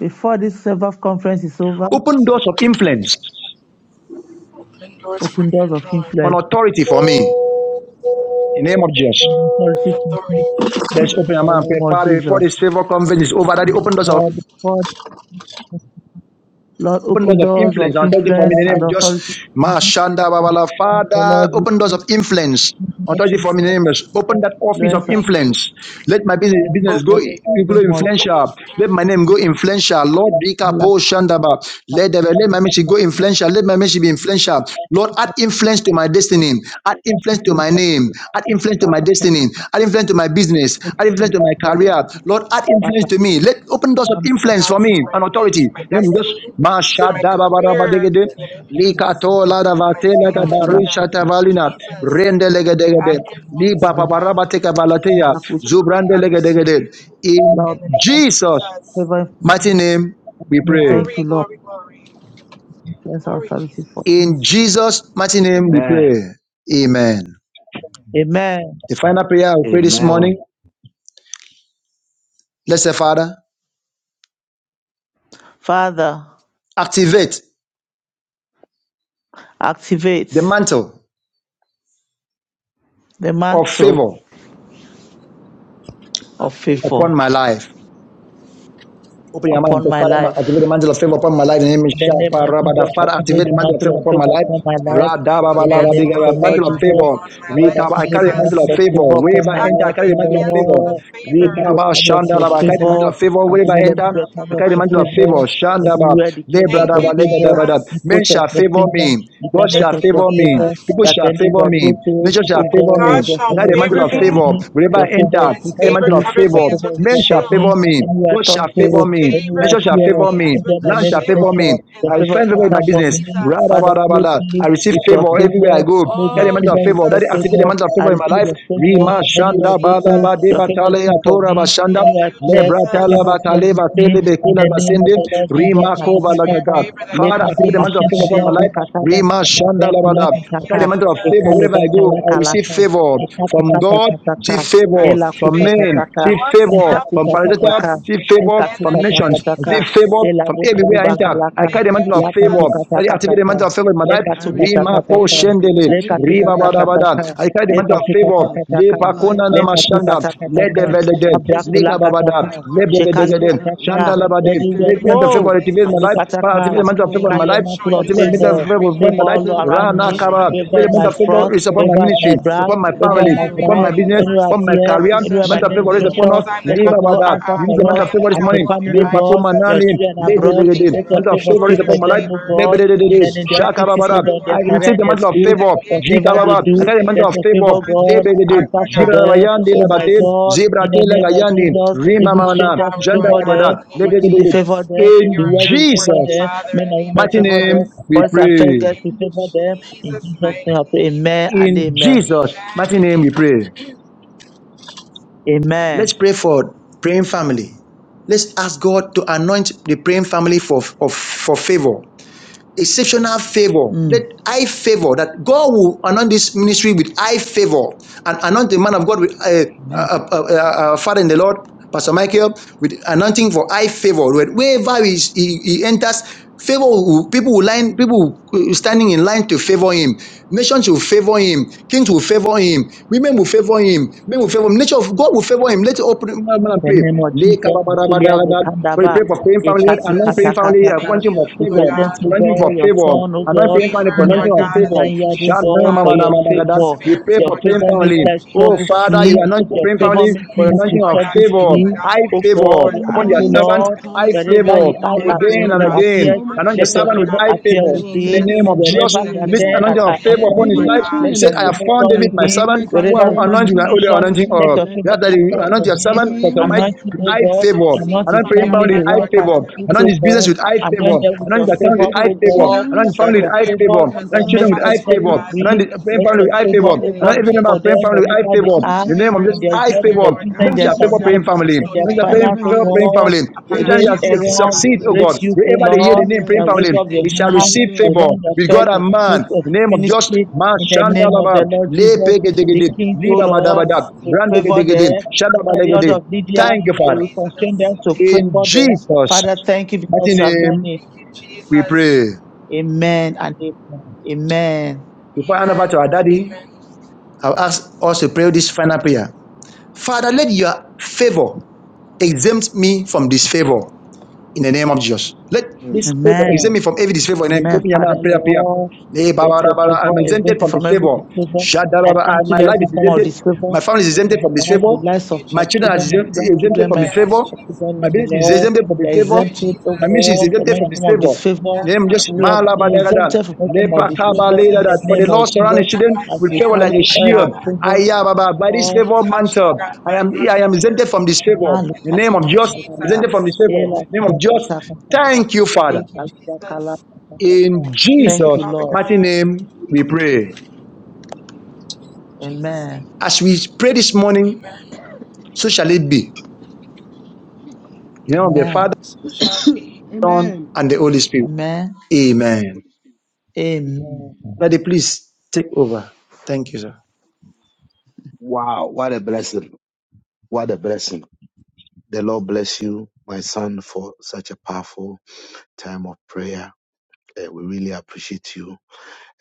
Speaker 5: before this Sabbath conference is over,
Speaker 3: open
Speaker 4: So.
Speaker 3: doors of influence
Speaker 4: Open doors for
Speaker 5: open
Speaker 4: me
Speaker 5: doors
Speaker 4: to
Speaker 5: of
Speaker 3: and
Speaker 5: influence
Speaker 3: authority for me. In the name of Jesus.
Speaker 5: and authority from You
Speaker 4: Authority.
Speaker 5: in
Speaker 3: Let's open your mouth
Speaker 5: the
Speaker 3: and pray.
Speaker 5: name of
Speaker 3: Father, before
Speaker 5: Jesus.
Speaker 3: this favor conference is over, that the open doors of
Speaker 5: Lord, before Lord,
Speaker 3: Open doors
Speaker 5: open
Speaker 4: Thank
Speaker 3: of
Speaker 4: you, Lord.
Speaker 5: doors
Speaker 3: influence.
Speaker 5: of
Speaker 3: I'll
Speaker 4: God.
Speaker 3: touch it for me in
Speaker 5: influence
Speaker 3: the name.
Speaker 5: and
Speaker 3: Just
Speaker 5: authority
Speaker 3: Mashanda Babala
Speaker 5: for
Speaker 3: Father.
Speaker 5: Lord
Speaker 3: Open doors
Speaker 5: Jesus.
Speaker 3: of influence.
Speaker 4: Thank
Speaker 3: I'll
Speaker 5: Make
Speaker 4: you,
Speaker 3: touch it
Speaker 5: me
Speaker 3: for me in
Speaker 4: Jesus.
Speaker 3: the
Speaker 5: open
Speaker 3: name. Just Open that office of
Speaker 5: doors Influence
Speaker 4: Thank you.
Speaker 3: influence. Let my business
Speaker 5: and authority
Speaker 3: business go,
Speaker 5: for
Speaker 4: Open,
Speaker 5: the
Speaker 3: go
Speaker 5: name of
Speaker 4: open doors
Speaker 3: influential.
Speaker 4: for
Speaker 3: Let my name go influential. Lord Rika
Speaker 5: Allah.
Speaker 3: Po Shandaba.
Speaker 5: I
Speaker 3: Let, the- let my message go influential. Let my message be influential. Lord, add influence to my destiny. Add influence to
Speaker 5: pray
Speaker 3: my
Speaker 5: for the
Speaker 3: name name. Add influence
Speaker 5: Lord, I
Speaker 3: to my
Speaker 5: pray for
Speaker 3: destiny. Add influence to my business. Add influence to my
Speaker 5: the Lord.
Speaker 3: career. Lord, add
Speaker 5: I
Speaker 3: influence
Speaker 5: pray
Speaker 3: to me. Let
Speaker 4: everyone.
Speaker 3: open doors of
Speaker 4: So
Speaker 3: influence
Speaker 4: God,
Speaker 3: for me
Speaker 4: to my
Speaker 3: and
Speaker 4: name,
Speaker 3: authority.
Speaker 4: to my
Speaker 3: Let me just
Speaker 4: destiny, to my career,
Speaker 3: Mashadababarabadegede,
Speaker 4: in the name of Jesus, to my family, Lord God, in the name of
Speaker 3: Likatoladavatelakabarishatavalina,
Speaker 4: Jesus.
Speaker 3: Rendelegedegede,
Speaker 4: Add influence, Lord God, in the name of
Speaker 3: Libapabarabatekabalateya,
Speaker 4: Jesus, to bring others to
Speaker 3: Zubrandelegedegede.
Speaker 4: you,
Speaker 5: for the
Speaker 3: In
Speaker 4: in the name
Speaker 5: Lord.
Speaker 4: of
Speaker 3: Jesus'
Speaker 4: Jesus.
Speaker 5: favor
Speaker 3: mighty
Speaker 5: influence for
Speaker 3: name, we
Speaker 5: me.
Speaker 3: pray.
Speaker 5: Thank you,
Speaker 4: Glory,
Speaker 5: Lord.
Speaker 4: glory, glory,
Speaker 5: Influence and
Speaker 4: glory,
Speaker 5: authority for me.
Speaker 3: In
Speaker 4: Jesus.
Speaker 3: Jesus' mighty name, we pray.
Speaker 2: Amen.
Speaker 3: Amen.
Speaker 5: Amen.
Speaker 3: The final prayer we pray this morning.
Speaker 2: Amen.
Speaker 3: Let's say, Father.
Speaker 5: Father,
Speaker 3: activate
Speaker 5: activate
Speaker 3: the mantle
Speaker 5: the
Speaker 3: of
Speaker 5: mantle
Speaker 3: favor
Speaker 4: A
Speaker 5: of favor
Speaker 4: favor,
Speaker 3: upon my life. Open your mind and
Speaker 5: upon
Speaker 3: pray,
Speaker 4: A
Speaker 5: my
Speaker 3: Father, activate
Speaker 4: us.
Speaker 3: the
Speaker 5: life.
Speaker 3: mantle of favor upon my life. the name is
Speaker 5: In the name
Speaker 3: Shapa
Speaker 5: of
Speaker 3: Rabada.
Speaker 5: Jesus,
Speaker 3: Father,
Speaker 5: activate
Speaker 3: activate
Speaker 5: the
Speaker 3: the mantle of
Speaker 5: mantle
Speaker 3: favor
Speaker 5: of
Speaker 3: upon my
Speaker 5: favor
Speaker 3: life.
Speaker 5: upon my life.
Speaker 4: Activate the
Speaker 5: In the name
Speaker 4: mantle
Speaker 5: of
Speaker 4: of
Speaker 5: the
Speaker 3: Radababalabadiga,
Speaker 5: Lord
Speaker 3: mantle of
Speaker 4: favor
Speaker 5: Jesus,
Speaker 3: favor.
Speaker 4: upon my
Speaker 5: Lord,
Speaker 4: life,
Speaker 3: Rikaba, I
Speaker 5: activate
Speaker 3: carry
Speaker 5: the
Speaker 3: the mantle of
Speaker 4: Jesus.
Speaker 5: mantle of
Speaker 3: favor.
Speaker 5: favor upon
Speaker 3: Wherever I
Speaker 5: my
Speaker 3: enter, I
Speaker 5: life.
Speaker 3: carry the
Speaker 5: In
Speaker 4: Activate the
Speaker 3: mantle of favor.
Speaker 4: mantle of
Speaker 5: Lord, let me
Speaker 4: favor.
Speaker 5: be a
Speaker 3: Rikaba,
Speaker 5: carrier of your
Speaker 3: Shandalaba,
Speaker 4: Continue
Speaker 3: I carry the
Speaker 4: to
Speaker 3: mantle
Speaker 5: favor.
Speaker 3: of
Speaker 4: activate
Speaker 3: favor.
Speaker 4: the
Speaker 3: Wherever I
Speaker 4: mantle
Speaker 5: Activate,
Speaker 4: of
Speaker 5: let me
Speaker 3: enter,
Speaker 4: favor
Speaker 5: be a
Speaker 4: upon
Speaker 3: I
Speaker 4: my
Speaker 5: carrier of
Speaker 3: carry the
Speaker 4: life
Speaker 5: your
Speaker 4: in the
Speaker 3: mantle of
Speaker 4: name of
Speaker 3: favor.
Speaker 5: favor.
Speaker 3: Shanda,
Speaker 5: Let
Speaker 4: Jesus.
Speaker 5: me
Speaker 3: Shandaba,
Speaker 5: wear the clothes of
Speaker 4: Thank
Speaker 5: your
Speaker 4: you,
Speaker 3: Lebradaba,
Speaker 5: favor,
Speaker 3: Legadabada.
Speaker 5: the
Speaker 4: Jesus.
Speaker 3: Men
Speaker 5: coat of
Speaker 3: shall
Speaker 5: your
Speaker 3: favor
Speaker 5: favor,
Speaker 3: me.
Speaker 5: the
Speaker 3: God
Speaker 5: garment
Speaker 3: shall
Speaker 4: Thank
Speaker 5: of
Speaker 4: you,
Speaker 5: your
Speaker 3: favor me.
Speaker 5: favor.
Speaker 4: Jesus.
Speaker 3: People
Speaker 5: That
Speaker 3: shall favor
Speaker 5: anywhere I
Speaker 3: me.
Speaker 5: go to,
Speaker 3: Nature shall
Speaker 5: oh
Speaker 3: favor me.
Speaker 4: God
Speaker 5: God, your
Speaker 3: I
Speaker 4: shall
Speaker 3: got a
Speaker 5: favor is fit
Speaker 4: favor
Speaker 3: mantle of
Speaker 5: for
Speaker 4: me,
Speaker 3: favor.
Speaker 5: me.
Speaker 3: Wherever
Speaker 5: Your
Speaker 3: I enter, I
Speaker 4: and
Speaker 3: got
Speaker 5: favor is
Speaker 4: his
Speaker 5: fit
Speaker 3: a
Speaker 5: for
Speaker 4: favor
Speaker 3: mantle of
Speaker 5: me.
Speaker 4: covers
Speaker 5: Your
Speaker 3: favor.
Speaker 4: me as
Speaker 5: favor is
Speaker 4: with a
Speaker 3: Men
Speaker 5: fit
Speaker 3: shall
Speaker 5: for
Speaker 4: shield.
Speaker 3: favor
Speaker 5: me.
Speaker 3: me.
Speaker 5: Anywhere I
Speaker 3: God
Speaker 5: turn
Speaker 3: shall favor
Speaker 5: to,
Speaker 4: His
Speaker 3: me.
Speaker 4: favor
Speaker 5: anywhere I
Speaker 3: Nature shall
Speaker 5: appear,
Speaker 4: covers
Speaker 3: favor
Speaker 4: me
Speaker 3: me.
Speaker 4: as
Speaker 5: and
Speaker 4: with
Speaker 5: then
Speaker 4: a
Speaker 5: my
Speaker 3: Land
Speaker 5: name
Speaker 3: shall
Speaker 5: is
Speaker 3: favor
Speaker 4: shield
Speaker 5: mentioned.
Speaker 3: me.
Speaker 4: in
Speaker 5: Your
Speaker 3: I
Speaker 4: the
Speaker 3: will
Speaker 5: favor
Speaker 3: find
Speaker 4: name
Speaker 3: favor in
Speaker 4: of
Speaker 3: my
Speaker 5: answer for
Speaker 3: business.
Speaker 5: me.
Speaker 3: ra ba
Speaker 4: Jesus.
Speaker 5: Father,
Speaker 3: ba ba
Speaker 5: clothe
Speaker 3: ba
Speaker 5: me
Speaker 3: I receive
Speaker 5: with your
Speaker 3: favor everywhere
Speaker 5: favor.
Speaker 3: I go
Speaker 5: Clothe my
Speaker 3: carry the
Speaker 4: Oh,
Speaker 3: mantle of
Speaker 5: children with
Speaker 3: favor.
Speaker 5: your
Speaker 3: Daddy,
Speaker 4: Jesus.
Speaker 3: activate the
Speaker 5: favor.
Speaker 3: mantle of
Speaker 5: I
Speaker 3: favor in my
Speaker 5: receive
Speaker 3: life.
Speaker 5: your favor.
Speaker 3: Rima
Speaker 4: Thank you,
Speaker 5: Anywhere I
Speaker 3: shanda
Speaker 5: go
Speaker 3: bala
Speaker 5: to,
Speaker 3: ba de
Speaker 5: your
Speaker 4: Jesus.
Speaker 5: favor
Speaker 3: batale
Speaker 5: speak for
Speaker 3: atora
Speaker 5: me.
Speaker 3: bashanda.
Speaker 4: Thank
Speaker 5: Anywhere I
Speaker 4: you,
Speaker 5: appear,
Speaker 3: Lebra
Speaker 5: your
Speaker 3: tala
Speaker 4: Jesus.
Speaker 5: favor appears
Speaker 3: batale
Speaker 5: with
Speaker 3: vatele
Speaker 5: me. In
Speaker 3: bekula
Speaker 5: the name of
Speaker 3: vasende.
Speaker 5: the Lord
Speaker 4: Thank you,
Speaker 5: Jesus,
Speaker 3: Rima ko
Speaker 4: Jesus,
Speaker 3: bala
Speaker 4: for your
Speaker 3: tata.
Speaker 5: Kalekataka,
Speaker 4: favor that
Speaker 3: Father,
Speaker 4: covers
Speaker 5: Lekate
Speaker 3: activate
Speaker 4: me
Speaker 3: the
Speaker 4: as
Speaker 3: mantle
Speaker 4: with
Speaker 3: of
Speaker 4: a
Speaker 5: Machine
Speaker 3: favor upon my
Speaker 4: shield.
Speaker 5: Kaleabu
Speaker 3: life.
Speaker 5: Kataba,
Speaker 3: Rima shanda
Speaker 5: Abrakula
Speaker 3: labada. I
Speaker 4: Thank you,
Speaker 3: carry the
Speaker 5: Kataka,
Speaker 3: mantle of favor
Speaker 4: Jesus.
Speaker 3: wherever
Speaker 5: Ekaleva
Speaker 3: I go. I receive
Speaker 5: Kalakalaka,
Speaker 3: favor from
Speaker 5: Ekatukata
Speaker 3: God. She
Speaker 5: Kataka,
Speaker 4: I
Speaker 3: favor
Speaker 4: receive
Speaker 3: from
Speaker 5: Elakuta
Speaker 3: men.
Speaker 4: favor
Speaker 3: She
Speaker 5: Kataka,
Speaker 4: north,
Speaker 3: favor
Speaker 4: south,
Speaker 3: from
Speaker 5: Ishakuta
Speaker 4: east, and
Speaker 3: parasitic.
Speaker 5: Kataka,
Speaker 4: west
Speaker 3: She favor
Speaker 4: in
Speaker 3: from
Speaker 4: the
Speaker 5: Ekatuka
Speaker 4: name of
Speaker 3: nations. She
Speaker 5: Kataka,
Speaker 3: favor
Speaker 4: Jesus.
Speaker 3: from
Speaker 5: Elabu
Speaker 3: everywhere I enter. I
Speaker 5: Kaluba
Speaker 3: carry the
Speaker 4: Thank you,
Speaker 3: mantle of favor.
Speaker 4: Jesus.
Speaker 3: That I activate the
Speaker 5: Lakatukatakatakata.
Speaker 3: mantle of favor in my life.
Speaker 1: I receive
Speaker 3: Rimako
Speaker 5: Lekatukatakatakata.
Speaker 1: favor from
Speaker 3: shendele.
Speaker 1: every
Speaker 3: Riba bada
Speaker 1: area
Speaker 3: bada.
Speaker 5: Lekatukatakatakata.
Speaker 3: I carry the mantle of favor.
Speaker 1: of
Speaker 3: Le
Speaker 5: Lekatukatakatakata.
Speaker 1: life
Speaker 3: pakona na mashanda. Le
Speaker 1: in
Speaker 5: Lekatukatakatakata.
Speaker 1: Jesus'
Speaker 3: develede.
Speaker 1: name,
Speaker 3: Liga
Speaker 1: physical,
Speaker 3: babada.
Speaker 5: Abrakulakataka.
Speaker 4: Glory,
Speaker 3: Le
Speaker 4: glory, glory.
Speaker 1: physical
Speaker 3: bogedegede.
Speaker 1: uh,
Speaker 3: Shanda
Speaker 5: Shekalikataka.
Speaker 1: realm,
Speaker 3: labade.
Speaker 5: Everywhere
Speaker 3: Let me
Speaker 1: spiritual
Speaker 4: Praise to
Speaker 3: the
Speaker 4: your name,
Speaker 5: go.
Speaker 3: favor
Speaker 1: realm,
Speaker 3: activate my
Speaker 4: Jesus.
Speaker 3: life. Activate
Speaker 5: Malukataka.
Speaker 3: the mantle of favor in
Speaker 4: Thank
Speaker 1: musical
Speaker 3: my
Speaker 4: you for
Speaker 3: life.
Speaker 4: showing new
Speaker 3: Activate the mantle
Speaker 4: mercies
Speaker 3: of
Speaker 5: Okay.
Speaker 1: industry,
Speaker 4: every
Speaker 3: favor in
Speaker 5: Favor
Speaker 3: my
Speaker 4: morning.
Speaker 3: life.
Speaker 1: political
Speaker 5: around
Speaker 3: Rana
Speaker 4: For
Speaker 5: me.
Speaker 1: realm,
Speaker 3: God.
Speaker 4: showing new
Speaker 3: Let
Speaker 5: Favor
Speaker 3: the
Speaker 5: on
Speaker 3: amount
Speaker 5: my
Speaker 3: of
Speaker 4: mercies
Speaker 3: favor
Speaker 5: front.
Speaker 4: every
Speaker 3: rest upon
Speaker 5: Favor
Speaker 3: my
Speaker 4: morning,
Speaker 3: ministry,
Speaker 4: Jesus.
Speaker 5: back.
Speaker 3: upon my
Speaker 5: Favor on
Speaker 3: family,
Speaker 5: my
Speaker 1: emotional
Speaker 4: Every
Speaker 3: upon my
Speaker 5: side.
Speaker 4: morning, new
Speaker 1: realm,
Speaker 3: business,
Speaker 5: Anywhere.
Speaker 3: upon
Speaker 4: mercies,
Speaker 3: my
Speaker 4: Lord God.
Speaker 3: career.
Speaker 5: Anywhere
Speaker 3: The amount of
Speaker 1: professional
Speaker 3: favor rest
Speaker 4: Thank you
Speaker 3: upon
Speaker 1: realm,
Speaker 3: us.
Speaker 5: all
Speaker 4: because I'm the
Speaker 3: Live
Speaker 4: apple
Speaker 3: about
Speaker 4: of
Speaker 3: that.
Speaker 4: your
Speaker 5: answer
Speaker 3: Release
Speaker 5: for
Speaker 4: eye.
Speaker 3: the amount
Speaker 5: us.
Speaker 4: I
Speaker 3: of
Speaker 4: am
Speaker 3: favor
Speaker 4: the
Speaker 3: this
Speaker 5: As a
Speaker 3: morning.
Speaker 4: apple of your
Speaker 3: Lay
Speaker 5: family, oh
Speaker 4: eye,
Speaker 3: Paco
Speaker 5: God, your
Speaker 4: Jesus.
Speaker 3: Manali.
Speaker 5: children
Speaker 1: and
Speaker 3: Lay the
Speaker 5: abroad.
Speaker 3: The
Speaker 4: Thank
Speaker 1: religious
Speaker 4: you
Speaker 5: Let your
Speaker 3: amount
Speaker 4: for
Speaker 1: realm.
Speaker 3: of
Speaker 1: In
Speaker 5: favor
Speaker 3: favor
Speaker 5: speak
Speaker 3: rest upon
Speaker 5: for
Speaker 1: Jesus'
Speaker 4: extraordinary
Speaker 3: my
Speaker 1: name
Speaker 5: them,
Speaker 3: life.
Speaker 1: I
Speaker 5: oh
Speaker 4: favor,
Speaker 3: Lay
Speaker 1: pray.
Speaker 5: God.
Speaker 3: the the
Speaker 5: In
Speaker 3: the
Speaker 1: Amen.
Speaker 5: the.
Speaker 3: Shaka
Speaker 4: extraordinary
Speaker 3: Babara.
Speaker 4: favor,
Speaker 5: on their
Speaker 4: Lord
Speaker 3: I
Speaker 4: God,
Speaker 5: career,
Speaker 3: receive the
Speaker 5: their
Speaker 3: mantle of
Speaker 5: school,
Speaker 4: that
Speaker 3: favor.
Speaker 4: man
Speaker 3: Jika
Speaker 5: whatever they
Speaker 4: cannot
Speaker 3: Baba. I
Speaker 5: do,
Speaker 3: got the mantle
Speaker 5: let
Speaker 3: of
Speaker 4: understand.
Speaker 3: favor.
Speaker 4: I
Speaker 3: Lay
Speaker 4: thank
Speaker 5: God
Speaker 3: the
Speaker 4: you for
Speaker 3: day.
Speaker 4: it,
Speaker 5: answer
Speaker 4: Lord God, in
Speaker 3: Zibra
Speaker 4: the
Speaker 5: them.
Speaker 4: name of
Speaker 3: Bayandi
Speaker 5: Oh my
Speaker 3: Labate.
Speaker 4: Jesus.
Speaker 5: God, in
Speaker 3: Zibra Tela
Speaker 5: the name of
Speaker 3: Gayani.
Speaker 5: Jesus,
Speaker 4: Your
Speaker 3: Rima
Speaker 5: even
Speaker 4: healing
Speaker 3: Mana.
Speaker 5: strangers
Speaker 4: power,
Speaker 5: will
Speaker 3: Janda
Speaker 4: Lord
Speaker 5: favor
Speaker 4: God,
Speaker 3: Babada.
Speaker 4: in the
Speaker 5: them,
Speaker 3: Lay
Speaker 4: name
Speaker 5: the
Speaker 4: of
Speaker 3: the
Speaker 5: kings will
Speaker 3: the.
Speaker 5: favor
Speaker 4: Jesus.
Speaker 5: them,
Speaker 4: You're
Speaker 5: the
Speaker 4: a
Speaker 3: In
Speaker 5: wealthy will
Speaker 4: miracle
Speaker 5: favor
Speaker 4: working
Speaker 5: them,
Speaker 3: Jesus'
Speaker 4: Father, in
Speaker 5: men
Speaker 4: the
Speaker 5: and
Speaker 4: name
Speaker 5: women
Speaker 4: of
Speaker 5: will
Speaker 3: mighty
Speaker 5: favor them,
Speaker 3: name
Speaker 4: Jesus.
Speaker 3: we
Speaker 5: boys and first
Speaker 3: pray.
Speaker 5: girls
Speaker 4: In
Speaker 5: will favor them. In
Speaker 4: Jesus'
Speaker 5: Jesus' name,
Speaker 4: mighty
Speaker 5: I pray.
Speaker 4: name.
Speaker 5: amen and
Speaker 3: In
Speaker 5: amen.
Speaker 3: Jesus'
Speaker 4: Amen
Speaker 3: mighty name we
Speaker 4: and
Speaker 3: pray.
Speaker 4: amen.
Speaker 3: Let's
Speaker 5: Amen.
Speaker 4: Amen.
Speaker 3: pray for praying family. Let's ask God to anoint the praying family for, of, for favor exceptional favor
Speaker 5: Mm.
Speaker 3: that high favor that god will anoint this ministry with high favor and anoint the man of god with uh, uh,
Speaker 5: Amen.
Speaker 3: uh, uh, uh, uh, uh, father in the lord pastor michael with anointing for high favor wherever he, he, he enters favor will, people will line people will- uh, standing in line to favor him nations will favor him kings will favor him women will favor him men will favor him nature of god will favor him let's open man and
Speaker 5: the name of
Speaker 3: pray
Speaker 5: Jesus, Katulia
Speaker 3: so you
Speaker 5: Bukandava,
Speaker 3: pray for praying family, anoint
Speaker 4: Jesus,
Speaker 3: praying family,
Speaker 5: Ekatukataka.
Speaker 4: thank
Speaker 3: anointing
Speaker 4: you,
Speaker 3: for
Speaker 5: We
Speaker 4: Lord
Speaker 3: favor,
Speaker 5: present to
Speaker 4: God.
Speaker 3: anointing for
Speaker 5: God your
Speaker 3: favor,
Speaker 5: Son, O
Speaker 3: anoint
Speaker 5: God,
Speaker 3: praying family for
Speaker 4: Favor,
Speaker 5: whom you are
Speaker 3: anointing
Speaker 4: Lord
Speaker 3: of
Speaker 5: using this
Speaker 4: God, in the
Speaker 3: favor.
Speaker 4: name of
Speaker 5: vineyard, O
Speaker 4: Jesus
Speaker 3: Shanna
Speaker 5: God,
Speaker 4: upon
Speaker 3: mama
Speaker 5: for
Speaker 3: na
Speaker 5: your
Speaker 3: mama gadan.
Speaker 4: his
Speaker 5: favor.
Speaker 3: We pray
Speaker 4: family,
Speaker 5: Your
Speaker 3: for
Speaker 4: Lord
Speaker 3: praying
Speaker 4: God,
Speaker 5: favor
Speaker 4: in the
Speaker 5: makes
Speaker 3: family.
Speaker 4: name of
Speaker 5: life
Speaker 3: Oh
Speaker 5: struggle
Speaker 4: Jesus
Speaker 3: Father, you
Speaker 5: free.
Speaker 3: anoint the
Speaker 5: Your
Speaker 3: praying
Speaker 4: that
Speaker 5: favor
Speaker 3: family
Speaker 4: he's
Speaker 5: makes
Speaker 3: for
Speaker 4: anointed,
Speaker 5: ministry
Speaker 3: anointing of
Speaker 4: Lord God,
Speaker 5: struggle
Speaker 3: favor,
Speaker 4: speaking the
Speaker 5: free.
Speaker 3: high
Speaker 4: gospel of
Speaker 5: O
Speaker 3: favor
Speaker 4: truth,
Speaker 5: God,
Speaker 4: Lord
Speaker 5: we
Speaker 3: upon
Speaker 4: God.
Speaker 5: ask,
Speaker 3: your
Speaker 5: O
Speaker 1: Anoint
Speaker 3: servant,
Speaker 5: Lord,
Speaker 4: That
Speaker 3: high
Speaker 4: he's
Speaker 5: wherever
Speaker 1: Apostle
Speaker 3: favor
Speaker 5: he,
Speaker 4: revealing your
Speaker 5: a-
Speaker 4: word,
Speaker 3: again
Speaker 5: a-
Speaker 4: Lord
Speaker 3: and
Speaker 1: Michael
Speaker 5: he
Speaker 1: with
Speaker 4: God,
Speaker 3: again.
Speaker 4: to
Speaker 5: appears,
Speaker 1: so
Speaker 4: your
Speaker 1: much
Speaker 3: Anoint your
Speaker 5: let
Speaker 4: people,
Speaker 5: your
Speaker 3: servant
Speaker 4: Lord
Speaker 3: with
Speaker 1: favor
Speaker 5: favor
Speaker 4: God, in
Speaker 3: high
Speaker 4: the name
Speaker 5: appear
Speaker 4: of
Speaker 1: that it
Speaker 3: favor
Speaker 5: with
Speaker 1: will
Speaker 3: in the
Speaker 1: make
Speaker 5: him.
Speaker 1: him
Speaker 3: name
Speaker 4: Jesus.
Speaker 3: of
Speaker 1: into a
Speaker 3: Jesus.
Speaker 4: And
Speaker 5: Wherever he
Speaker 4: that
Speaker 3: Release
Speaker 4: people
Speaker 1: billionaire,
Speaker 5: attends,
Speaker 4: will
Speaker 3: anointing of favor
Speaker 4: give,
Speaker 3: upon
Speaker 5: attends
Speaker 1: maybe
Speaker 3: his
Speaker 4: Lord
Speaker 5: to,
Speaker 1: even a
Speaker 3: life.
Speaker 4: God,
Speaker 5: let
Speaker 3: You said,
Speaker 5: your
Speaker 3: I
Speaker 1: trillionaire.
Speaker 3: have
Speaker 5: favor
Speaker 3: found
Speaker 5: come
Speaker 4: that
Speaker 3: David,
Speaker 5: with
Speaker 3: my
Speaker 1: I
Speaker 5: him.
Speaker 3: servant,
Speaker 1: pray, God,
Speaker 4: from
Speaker 1: in
Speaker 3: who
Speaker 5: Wherever
Speaker 1: the
Speaker 3: have
Speaker 4: their
Speaker 5: his
Speaker 1: name
Speaker 4: heart
Speaker 1: of
Speaker 5: name
Speaker 3: anointed
Speaker 5: is
Speaker 3: with my holy
Speaker 1: Jesus,
Speaker 5: mentioned,
Speaker 1: that
Speaker 3: anointing.
Speaker 1: you
Speaker 5: let
Speaker 1: will
Speaker 3: Or
Speaker 5: your
Speaker 1: let
Speaker 3: you
Speaker 5: favor
Speaker 3: have that you
Speaker 5: answer
Speaker 4: they
Speaker 3: anoint
Speaker 4: will
Speaker 5: for
Speaker 3: your
Speaker 5: him.
Speaker 4: give,
Speaker 3: servant,
Speaker 4: Lord
Speaker 3: Pastor
Speaker 4: God,
Speaker 3: Mike,
Speaker 1: kings
Speaker 4: and
Speaker 5: Anointing,
Speaker 3: with
Speaker 5: O
Speaker 3: high
Speaker 5: God,
Speaker 4: sow
Speaker 3: favor.
Speaker 5: anoint
Speaker 4: seeds
Speaker 5: his
Speaker 3: Around
Speaker 4: from
Speaker 3: praying
Speaker 4: their
Speaker 5: family,
Speaker 3: family
Speaker 5: the
Speaker 3: with
Speaker 4: heart,
Speaker 3: high
Speaker 5: wife
Speaker 4: Lord God,
Speaker 5: and
Speaker 3: favor.
Speaker 5: the kids,
Speaker 3: Around
Speaker 5: O
Speaker 3: his business
Speaker 5: God.
Speaker 4: in
Speaker 3: with
Speaker 4: the
Speaker 3: high
Speaker 4: name of
Speaker 3: favor.
Speaker 5: Anoint them with
Speaker 3: Around
Speaker 5: your
Speaker 1: I
Speaker 3: his
Speaker 4: Jesus.
Speaker 3: account
Speaker 5: favor,
Speaker 1: pray
Speaker 3: with high
Speaker 1: that
Speaker 3: favor.
Speaker 5: O
Speaker 4: Not
Speaker 3: Around his
Speaker 4: because
Speaker 1: kings
Speaker 5: that
Speaker 4: out
Speaker 3: family with
Speaker 5: your
Speaker 4: of
Speaker 3: high
Speaker 4: fear, but
Speaker 5: favor
Speaker 3: favor.
Speaker 1: and
Speaker 4: because
Speaker 3: Around
Speaker 5: that
Speaker 4: of
Speaker 3: children
Speaker 5: makes
Speaker 3: with
Speaker 5: life
Speaker 3: high
Speaker 4: trust, Lord
Speaker 3: favor.
Speaker 5: struggle
Speaker 4: God,
Speaker 1: politicians
Speaker 3: Around
Speaker 5: free.
Speaker 3: the
Speaker 4: because of
Speaker 3: praying
Speaker 5: Let
Speaker 3: family
Speaker 4: their
Speaker 5: your
Speaker 3: with high
Speaker 4: faith
Speaker 5: favor,
Speaker 3: favor.
Speaker 4: in the
Speaker 5: oh
Speaker 4: name
Speaker 5: God,
Speaker 3: Around
Speaker 4: of
Speaker 1: and
Speaker 3: every
Speaker 5: be
Speaker 3: member
Speaker 5: for
Speaker 3: of praying
Speaker 4: Jesus.
Speaker 5: them
Speaker 3: family with high
Speaker 5: wherever they
Speaker 3: favor.
Speaker 5: are,
Speaker 3: In the name
Speaker 4: Favor
Speaker 3: of this
Speaker 5: in
Speaker 4: is
Speaker 5: their
Speaker 3: high
Speaker 1: hotels
Speaker 4: not
Speaker 5: jobs,
Speaker 4: fair,
Speaker 3: favor.
Speaker 5: their
Speaker 4: Lord
Speaker 5: business,
Speaker 3: Bring
Speaker 1: and
Speaker 4: God,
Speaker 5: their
Speaker 3: your
Speaker 4: but
Speaker 3: favor
Speaker 4: Lord God,
Speaker 5: finance,
Speaker 3: praying
Speaker 4: you
Speaker 1: businesses
Speaker 3: family.
Speaker 5: in
Speaker 4: bestowed
Speaker 5: their
Speaker 1: will
Speaker 3: Bring your
Speaker 4: favor
Speaker 3: praying
Speaker 1: favor
Speaker 5: finance, oh
Speaker 3: favor
Speaker 4: upon
Speaker 1: him.
Speaker 3: praying
Speaker 4: us,
Speaker 3: family.
Speaker 5: God.
Speaker 4: upon
Speaker 5: They
Speaker 3: Bring
Speaker 1: In
Speaker 4: our
Speaker 5: Raise
Speaker 3: your
Speaker 4: families,
Speaker 1: Jesus'
Speaker 4: Lord
Speaker 1: name
Speaker 5: Aaron,
Speaker 1: we
Speaker 4: God.
Speaker 3: succeed, oh
Speaker 4: You
Speaker 1: pray.
Speaker 5: raise
Speaker 3: God.
Speaker 5: you, O
Speaker 4: bestowed
Speaker 3: Wherever they hear
Speaker 4: favor.
Speaker 5: Lord,
Speaker 3: the name praying
Speaker 5: that
Speaker 1: Amen
Speaker 4: So
Speaker 5: raise
Speaker 3: family,
Speaker 4: we
Speaker 5: up your
Speaker 3: he
Speaker 4: thank you,
Speaker 3: shall
Speaker 1: and
Speaker 4: Jesus.
Speaker 5: hand
Speaker 3: receive
Speaker 5: to
Speaker 1: amen.
Speaker 3: favor
Speaker 5: run the
Speaker 3: with
Speaker 5: affairs
Speaker 3: God
Speaker 5: of
Speaker 3: and
Speaker 4: Thank you,
Speaker 5: business
Speaker 3: man.
Speaker 4: Jesus.
Speaker 5: of
Speaker 3: In the name of just
Speaker 5: ministry in the name of
Speaker 3: Mashandalaba.
Speaker 5: the Lord Jesus,
Speaker 4: Thank
Speaker 5: the
Speaker 3: Lepegedegede.
Speaker 5: King,
Speaker 4: you,
Speaker 5: O Lord.
Speaker 4: Jesus.
Speaker 3: Libabadabada.
Speaker 5: We favor
Speaker 3: Brandegedegede.
Speaker 5: them. After the order
Speaker 3: Shadabadegede.
Speaker 5: of Lydia,
Speaker 3: Thank you,
Speaker 4: Thank you,
Speaker 5: they
Speaker 3: Father.
Speaker 5: will constrain
Speaker 4: Jesus.
Speaker 5: them to
Speaker 3: In
Speaker 5: favor them.
Speaker 3: Jesus'
Speaker 5: Father, thank you
Speaker 3: mighty
Speaker 5: because you have done
Speaker 3: name,
Speaker 5: it.
Speaker 4: Thank you,
Speaker 3: we
Speaker 4: Jesus.
Speaker 3: pray.
Speaker 5: Amen and amen. Amen.
Speaker 3: Before I hand over
Speaker 4: Amen.
Speaker 3: to our daddy,
Speaker 4: Amen.
Speaker 3: I'll ask us to pray this final prayer. Father, let your favor exempt me from disfavor in the name of Jesus. Let
Speaker 2: Mm.
Speaker 3: this favor
Speaker 5: Amen.
Speaker 3: exempt me from every disfavor. And then
Speaker 5: Amen.
Speaker 3: open your mouth
Speaker 5: Father
Speaker 3: and pray a prayer.
Speaker 5: Lord, let your favor
Speaker 3: I'm exempted
Speaker 5: exempt me
Speaker 3: from
Speaker 5: from every
Speaker 3: disfavor.
Speaker 5: disfavor. I cancel
Speaker 3: My life
Speaker 5: every
Speaker 3: is
Speaker 5: form of
Speaker 4: Jesus.
Speaker 3: exempted.
Speaker 5: disfavor
Speaker 3: My family is
Speaker 5: in
Speaker 3: exempted from
Speaker 5: my life,
Speaker 3: disfavor.
Speaker 5: the lives
Speaker 4: Thank you,
Speaker 5: of
Speaker 3: My
Speaker 5: my
Speaker 3: children are
Speaker 5: children,
Speaker 4: Jesus.
Speaker 5: my
Speaker 3: exempted
Speaker 5: grandchildren,
Speaker 3: from
Speaker 5: my
Speaker 4: Yes,
Speaker 3: disfavor.
Speaker 4: Jesus.
Speaker 3: My
Speaker 5: children in
Speaker 3: business is
Speaker 5: law.
Speaker 3: exempted from
Speaker 5: They're
Speaker 4: Thank
Speaker 3: disfavor.
Speaker 4: you,
Speaker 5: exempted, oh
Speaker 3: My
Speaker 4: Jesus.
Speaker 3: mission is
Speaker 5: God, from
Speaker 3: exempted from
Speaker 5: any form of
Speaker 3: disfavor.
Speaker 5: disfavor.
Speaker 4: Yes,
Speaker 3: Them just
Speaker 4: Lord
Speaker 5: We are
Speaker 4: God.
Speaker 5: they're
Speaker 3: malabadagadan.
Speaker 5: exempted from any form of
Speaker 4: Thank you,
Speaker 5: disfavor in
Speaker 3: Lepakabaledadad.
Speaker 5: the
Speaker 3: For the
Speaker 5: name
Speaker 4: Jesus.
Speaker 5: of
Speaker 3: Lord surrounding
Speaker 5: Jesus
Speaker 4: Let
Speaker 3: children
Speaker 4: my
Speaker 5: as
Speaker 3: with
Speaker 5: we
Speaker 3: favor
Speaker 4: family,
Speaker 3: like
Speaker 5: carry
Speaker 3: a
Speaker 5: the
Speaker 4: Lord
Speaker 5: oil
Speaker 3: shield.
Speaker 5: of
Speaker 4: God,
Speaker 3: I
Speaker 5: favor.
Speaker 3: Ayababa. By this
Speaker 4: be
Speaker 3: favor
Speaker 4: touched, Lord
Speaker 3: mantle,
Speaker 4: God,
Speaker 3: I
Speaker 4: by
Speaker 3: am
Speaker 4: your
Speaker 3: I am
Speaker 4: favor.
Speaker 3: exempted from this favor.
Speaker 4: In
Speaker 3: In
Speaker 5: Maluka
Speaker 4: the
Speaker 3: the name
Speaker 4: name
Speaker 3: of
Speaker 4: of
Speaker 3: just, I'm
Speaker 5: kalaba,
Speaker 3: exempted from
Speaker 4: Jesus.
Speaker 3: this favor.
Speaker 5: ela
Speaker 3: In the name
Speaker 5: kula
Speaker 3: of just,
Speaker 5: kata katala,
Speaker 3: thank you, Father.
Speaker 4: Thank
Speaker 5: eka
Speaker 4: you,
Speaker 5: luka kala
Speaker 4: Jesus.
Speaker 3: In
Speaker 5: katala.
Speaker 4: Thank you,
Speaker 5: Thank you,
Speaker 3: Jesus'
Speaker 4: Father
Speaker 5: Lord.
Speaker 3: mighty
Speaker 4: God.
Speaker 3: name, we pray.
Speaker 4: In Jesus'
Speaker 5: Amen.
Speaker 4: name.
Speaker 3: As we pray this morning,
Speaker 4: Amen.
Speaker 3: so shall it be. In the name of the
Speaker 5: Amen.
Speaker 3: Father
Speaker 4: So shall it be.
Speaker 1: Amen.
Speaker 3: and the Holy Spirit.
Speaker 5: Amen.
Speaker 3: Amen.
Speaker 5: Amen.
Speaker 3: Daddy, please take over. Thank you, sir.
Speaker 2: Wow. What a blessing. What a blessing. The Lord bless you, my son, for such a powerful time of prayer. Eh, we really appreciate you.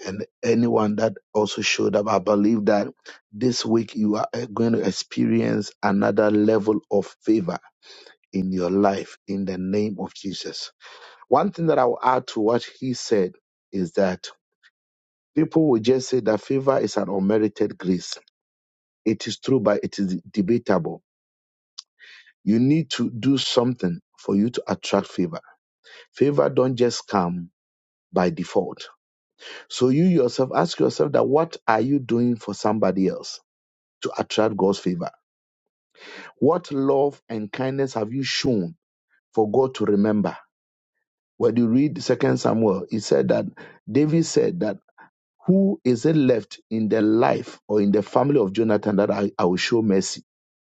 Speaker 2: and anyone that also showed up. I believe that this week you are uh, going to experience another level of favor in your life in the name of Jesus. One thing that I will add to what he said is that people will just say that favor is an unmerited grace. It is true, but it is debatable. You need to do something for you to attract favor. Favor don't just come by default. So you yourself ask yourself that what are you doing for somebody else? to attract God's favor? What love and kindness have you shown for God to remember? When you read Second Samuel, it said that David said that who is it left in the life or in the family of Jonathan that I, I will show mercy,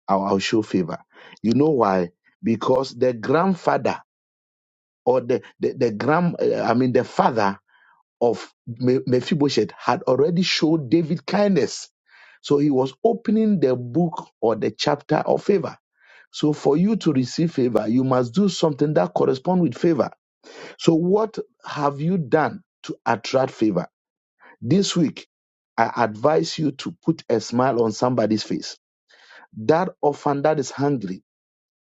Speaker 2: I will I will show favor? You know why? Because the grandfather or the the, the grand, uh, I mean the father of Me- Mephibosheth had already showed David kindness. So he was opening the book or the chapter of favor. So for you to receive favor, you must do something that corresponds with favor. So what have you done to attract favor? This week, I advise you to put a smile on somebody's face. That orphan that is hungry,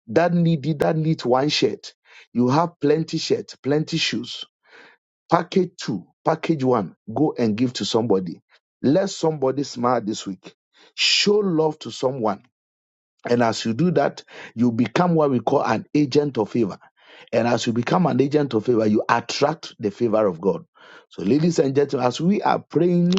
Speaker 2: that needy that needs one shirt. You have plenty shirt, plenty shoes. Package two, package one, go and give to somebody. Let somebody smile this week. Show love to someone And as you do that, you become what we call an agent of favor. And as you become an agent of favor, you attract the favor of God. So, ladies and gentlemen, as we are praying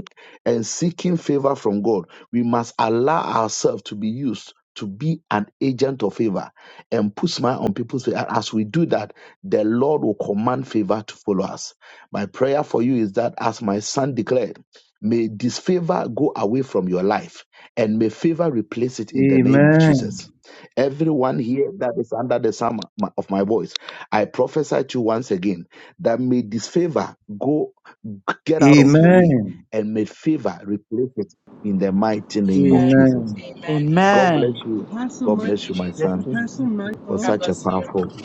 Speaker 2: and seeking favor from God, we must allow ourselves to be used to be an agent of favor and put smile on people's face. And as we do that, the Lord will command favor to follow us. My prayer for you is that, as my son declared, may this favor go away from your life and may favor replace it in the name of
Speaker 3: Amen.
Speaker 2: Jesus. Everyone here that is under the sound of my voice, I prophesy to you once again that may this favor go get out of your way
Speaker 3: Amen.
Speaker 2: and may favor replace it in the mighty name of
Speaker 4: Amen.
Speaker 2: Jesus.
Speaker 3: Amen.
Speaker 4: Amen.
Speaker 2: God bless
Speaker 4: Amen.
Speaker 5: Amen.
Speaker 2: you.
Speaker 1: Apostle,
Speaker 2: God
Speaker 1: Mi-
Speaker 4: Thank
Speaker 2: bless
Speaker 4: you,
Speaker 2: you, my
Speaker 4: Jesus.
Speaker 5: Bless
Speaker 2: son,
Speaker 5: you.
Speaker 1: Apostle
Speaker 2: for
Speaker 1: Michael,
Speaker 4: God
Speaker 2: such a
Speaker 4: bless you.
Speaker 2: powerful,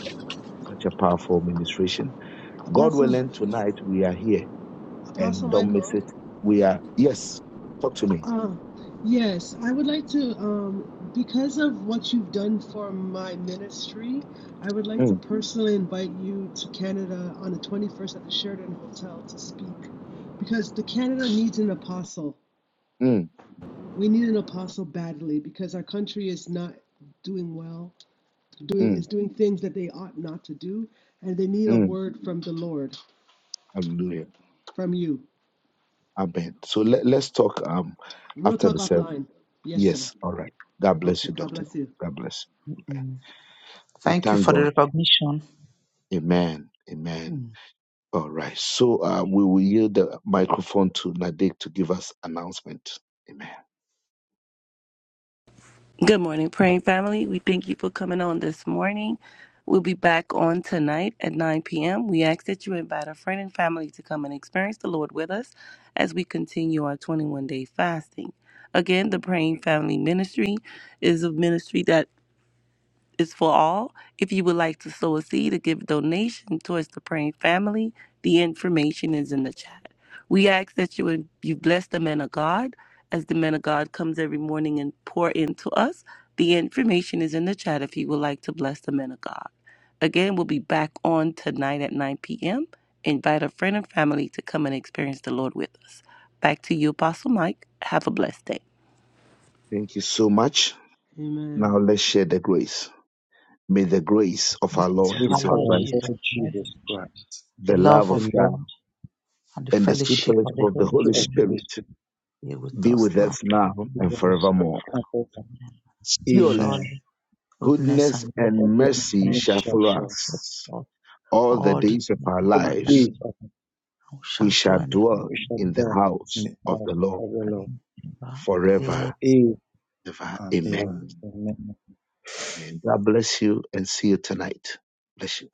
Speaker 2: such a powerful ministration. God
Speaker 1: Apostle,
Speaker 2: willing, tonight we are here
Speaker 1: Apostle
Speaker 2: and don't miss
Speaker 1: Michael,
Speaker 2: it. We are, yes, talk to me.
Speaker 1: Uh, yes, I would like to, um, because of what you've done for my ministry, I would like to
Speaker 2: Mm,
Speaker 1: personally invite you to Canada on the 21st at the Sheridan Hotel to speak, because the Canada needs an apostle.
Speaker 2: mm,
Speaker 1: We need an apostle badly because our country is not doing well, doing
Speaker 2: mm,
Speaker 1: is doing things that they ought not to do, and they need a
Speaker 2: mm.
Speaker 1: word from the Lord,
Speaker 2: Hallelujah.
Speaker 1: from you.
Speaker 2: Amen. So let, let's talk um
Speaker 1: We'll
Speaker 2: after
Speaker 1: talk
Speaker 2: the service.
Speaker 1: offline. Yes, sir.
Speaker 2: Yes, all right. God bless
Speaker 1: Okay,
Speaker 2: you,
Speaker 1: God
Speaker 2: Doctor.
Speaker 1: bless you.
Speaker 2: God bless.
Speaker 5: Mm.
Speaker 2: We
Speaker 5: Thank you
Speaker 2: thank
Speaker 5: for the
Speaker 2: God.
Speaker 5: recognition
Speaker 2: Amen. Amen.
Speaker 5: mm,
Speaker 2: All right. So uh, we will yield the microphone to Nadik to give us announcement. Amen.
Speaker 6: Good morning, praying family. We thank you for coming on this morning. We'll be back on tonight at 9 p.m. We ask that you invite a friend and family to come and experience the Lord with us as we continue our 21 day fasting. Again, the
Speaker 2: Mm.
Speaker 6: Praying Family Ministry is a ministry that is for all. If you would like to sow a seed or give a donation towards the praying family, the information is in the chat. We ask that you would you bless the man of God as the man of God comes every morning and pour into us. The information is in the chat if you would like to bless the man of God. Again, we'll be back on tonight at 9 p.m. Invite a friend and family to come and experience the Lord with us. Back to you, Apostle Mike. Have a blessed day.
Speaker 2: Thank you so much. Now
Speaker 1: Amen.
Speaker 2: let's share the grace. May the grace of our Lord
Speaker 5: of
Speaker 3: This
Speaker 5: our
Speaker 2: Jesus
Speaker 3: our
Speaker 5: Lord Jesus
Speaker 2: Christ,
Speaker 3: Lord
Speaker 5: Christ,
Speaker 3: Jesus Christ,
Speaker 5: the
Speaker 2: the love
Speaker 5: love
Speaker 2: of
Speaker 5: of
Speaker 3: the Lord
Speaker 2: God,
Speaker 5: God, and the
Speaker 2: and the sweet
Speaker 5: fellowship of
Speaker 2: fellowship
Speaker 5: the
Speaker 2: of the
Speaker 3: of
Speaker 5: Holy
Speaker 3: the
Speaker 2: Holy
Speaker 5: Spirit
Speaker 3: Holy
Speaker 2: Spirit
Speaker 3: Spirit,
Speaker 5: be with
Speaker 2: be
Speaker 5: us
Speaker 2: with
Speaker 5: now.
Speaker 2: us now and
Speaker 3: give us
Speaker 2: forevermore.
Speaker 3: comfort
Speaker 2: Surely
Speaker 3: Amen.
Speaker 5: Surely, goodness
Speaker 2: goodness
Speaker 5: and
Speaker 2: and
Speaker 5: mercy
Speaker 3: That
Speaker 5: and
Speaker 3: goodness and
Speaker 2: mercy
Speaker 3: mercy
Speaker 2: shall
Speaker 5: mercy
Speaker 2: follow
Speaker 5: shall
Speaker 2: us
Speaker 5: follow us
Speaker 2: all the
Speaker 5: all the
Speaker 2: days of
Speaker 5: days
Speaker 2: our
Speaker 5: of
Speaker 3: All
Speaker 5: our
Speaker 3: the
Speaker 5: life.
Speaker 2: lives.
Speaker 3: days of our life
Speaker 5: and We
Speaker 2: We
Speaker 5: shall do
Speaker 2: shall
Speaker 5: anyhow.
Speaker 2: dwell
Speaker 3: we
Speaker 2: in the
Speaker 3: in
Speaker 2: house
Speaker 3: the
Speaker 2: of
Speaker 3: house
Speaker 2: the Lord
Speaker 3: of the Lord
Speaker 5: e
Speaker 2: forever,
Speaker 3: forever
Speaker 2: ever.
Speaker 3: and ever.
Speaker 2: Amen.
Speaker 3: Amen.
Speaker 2: Amen. God bless you and see you tonight. Bless you.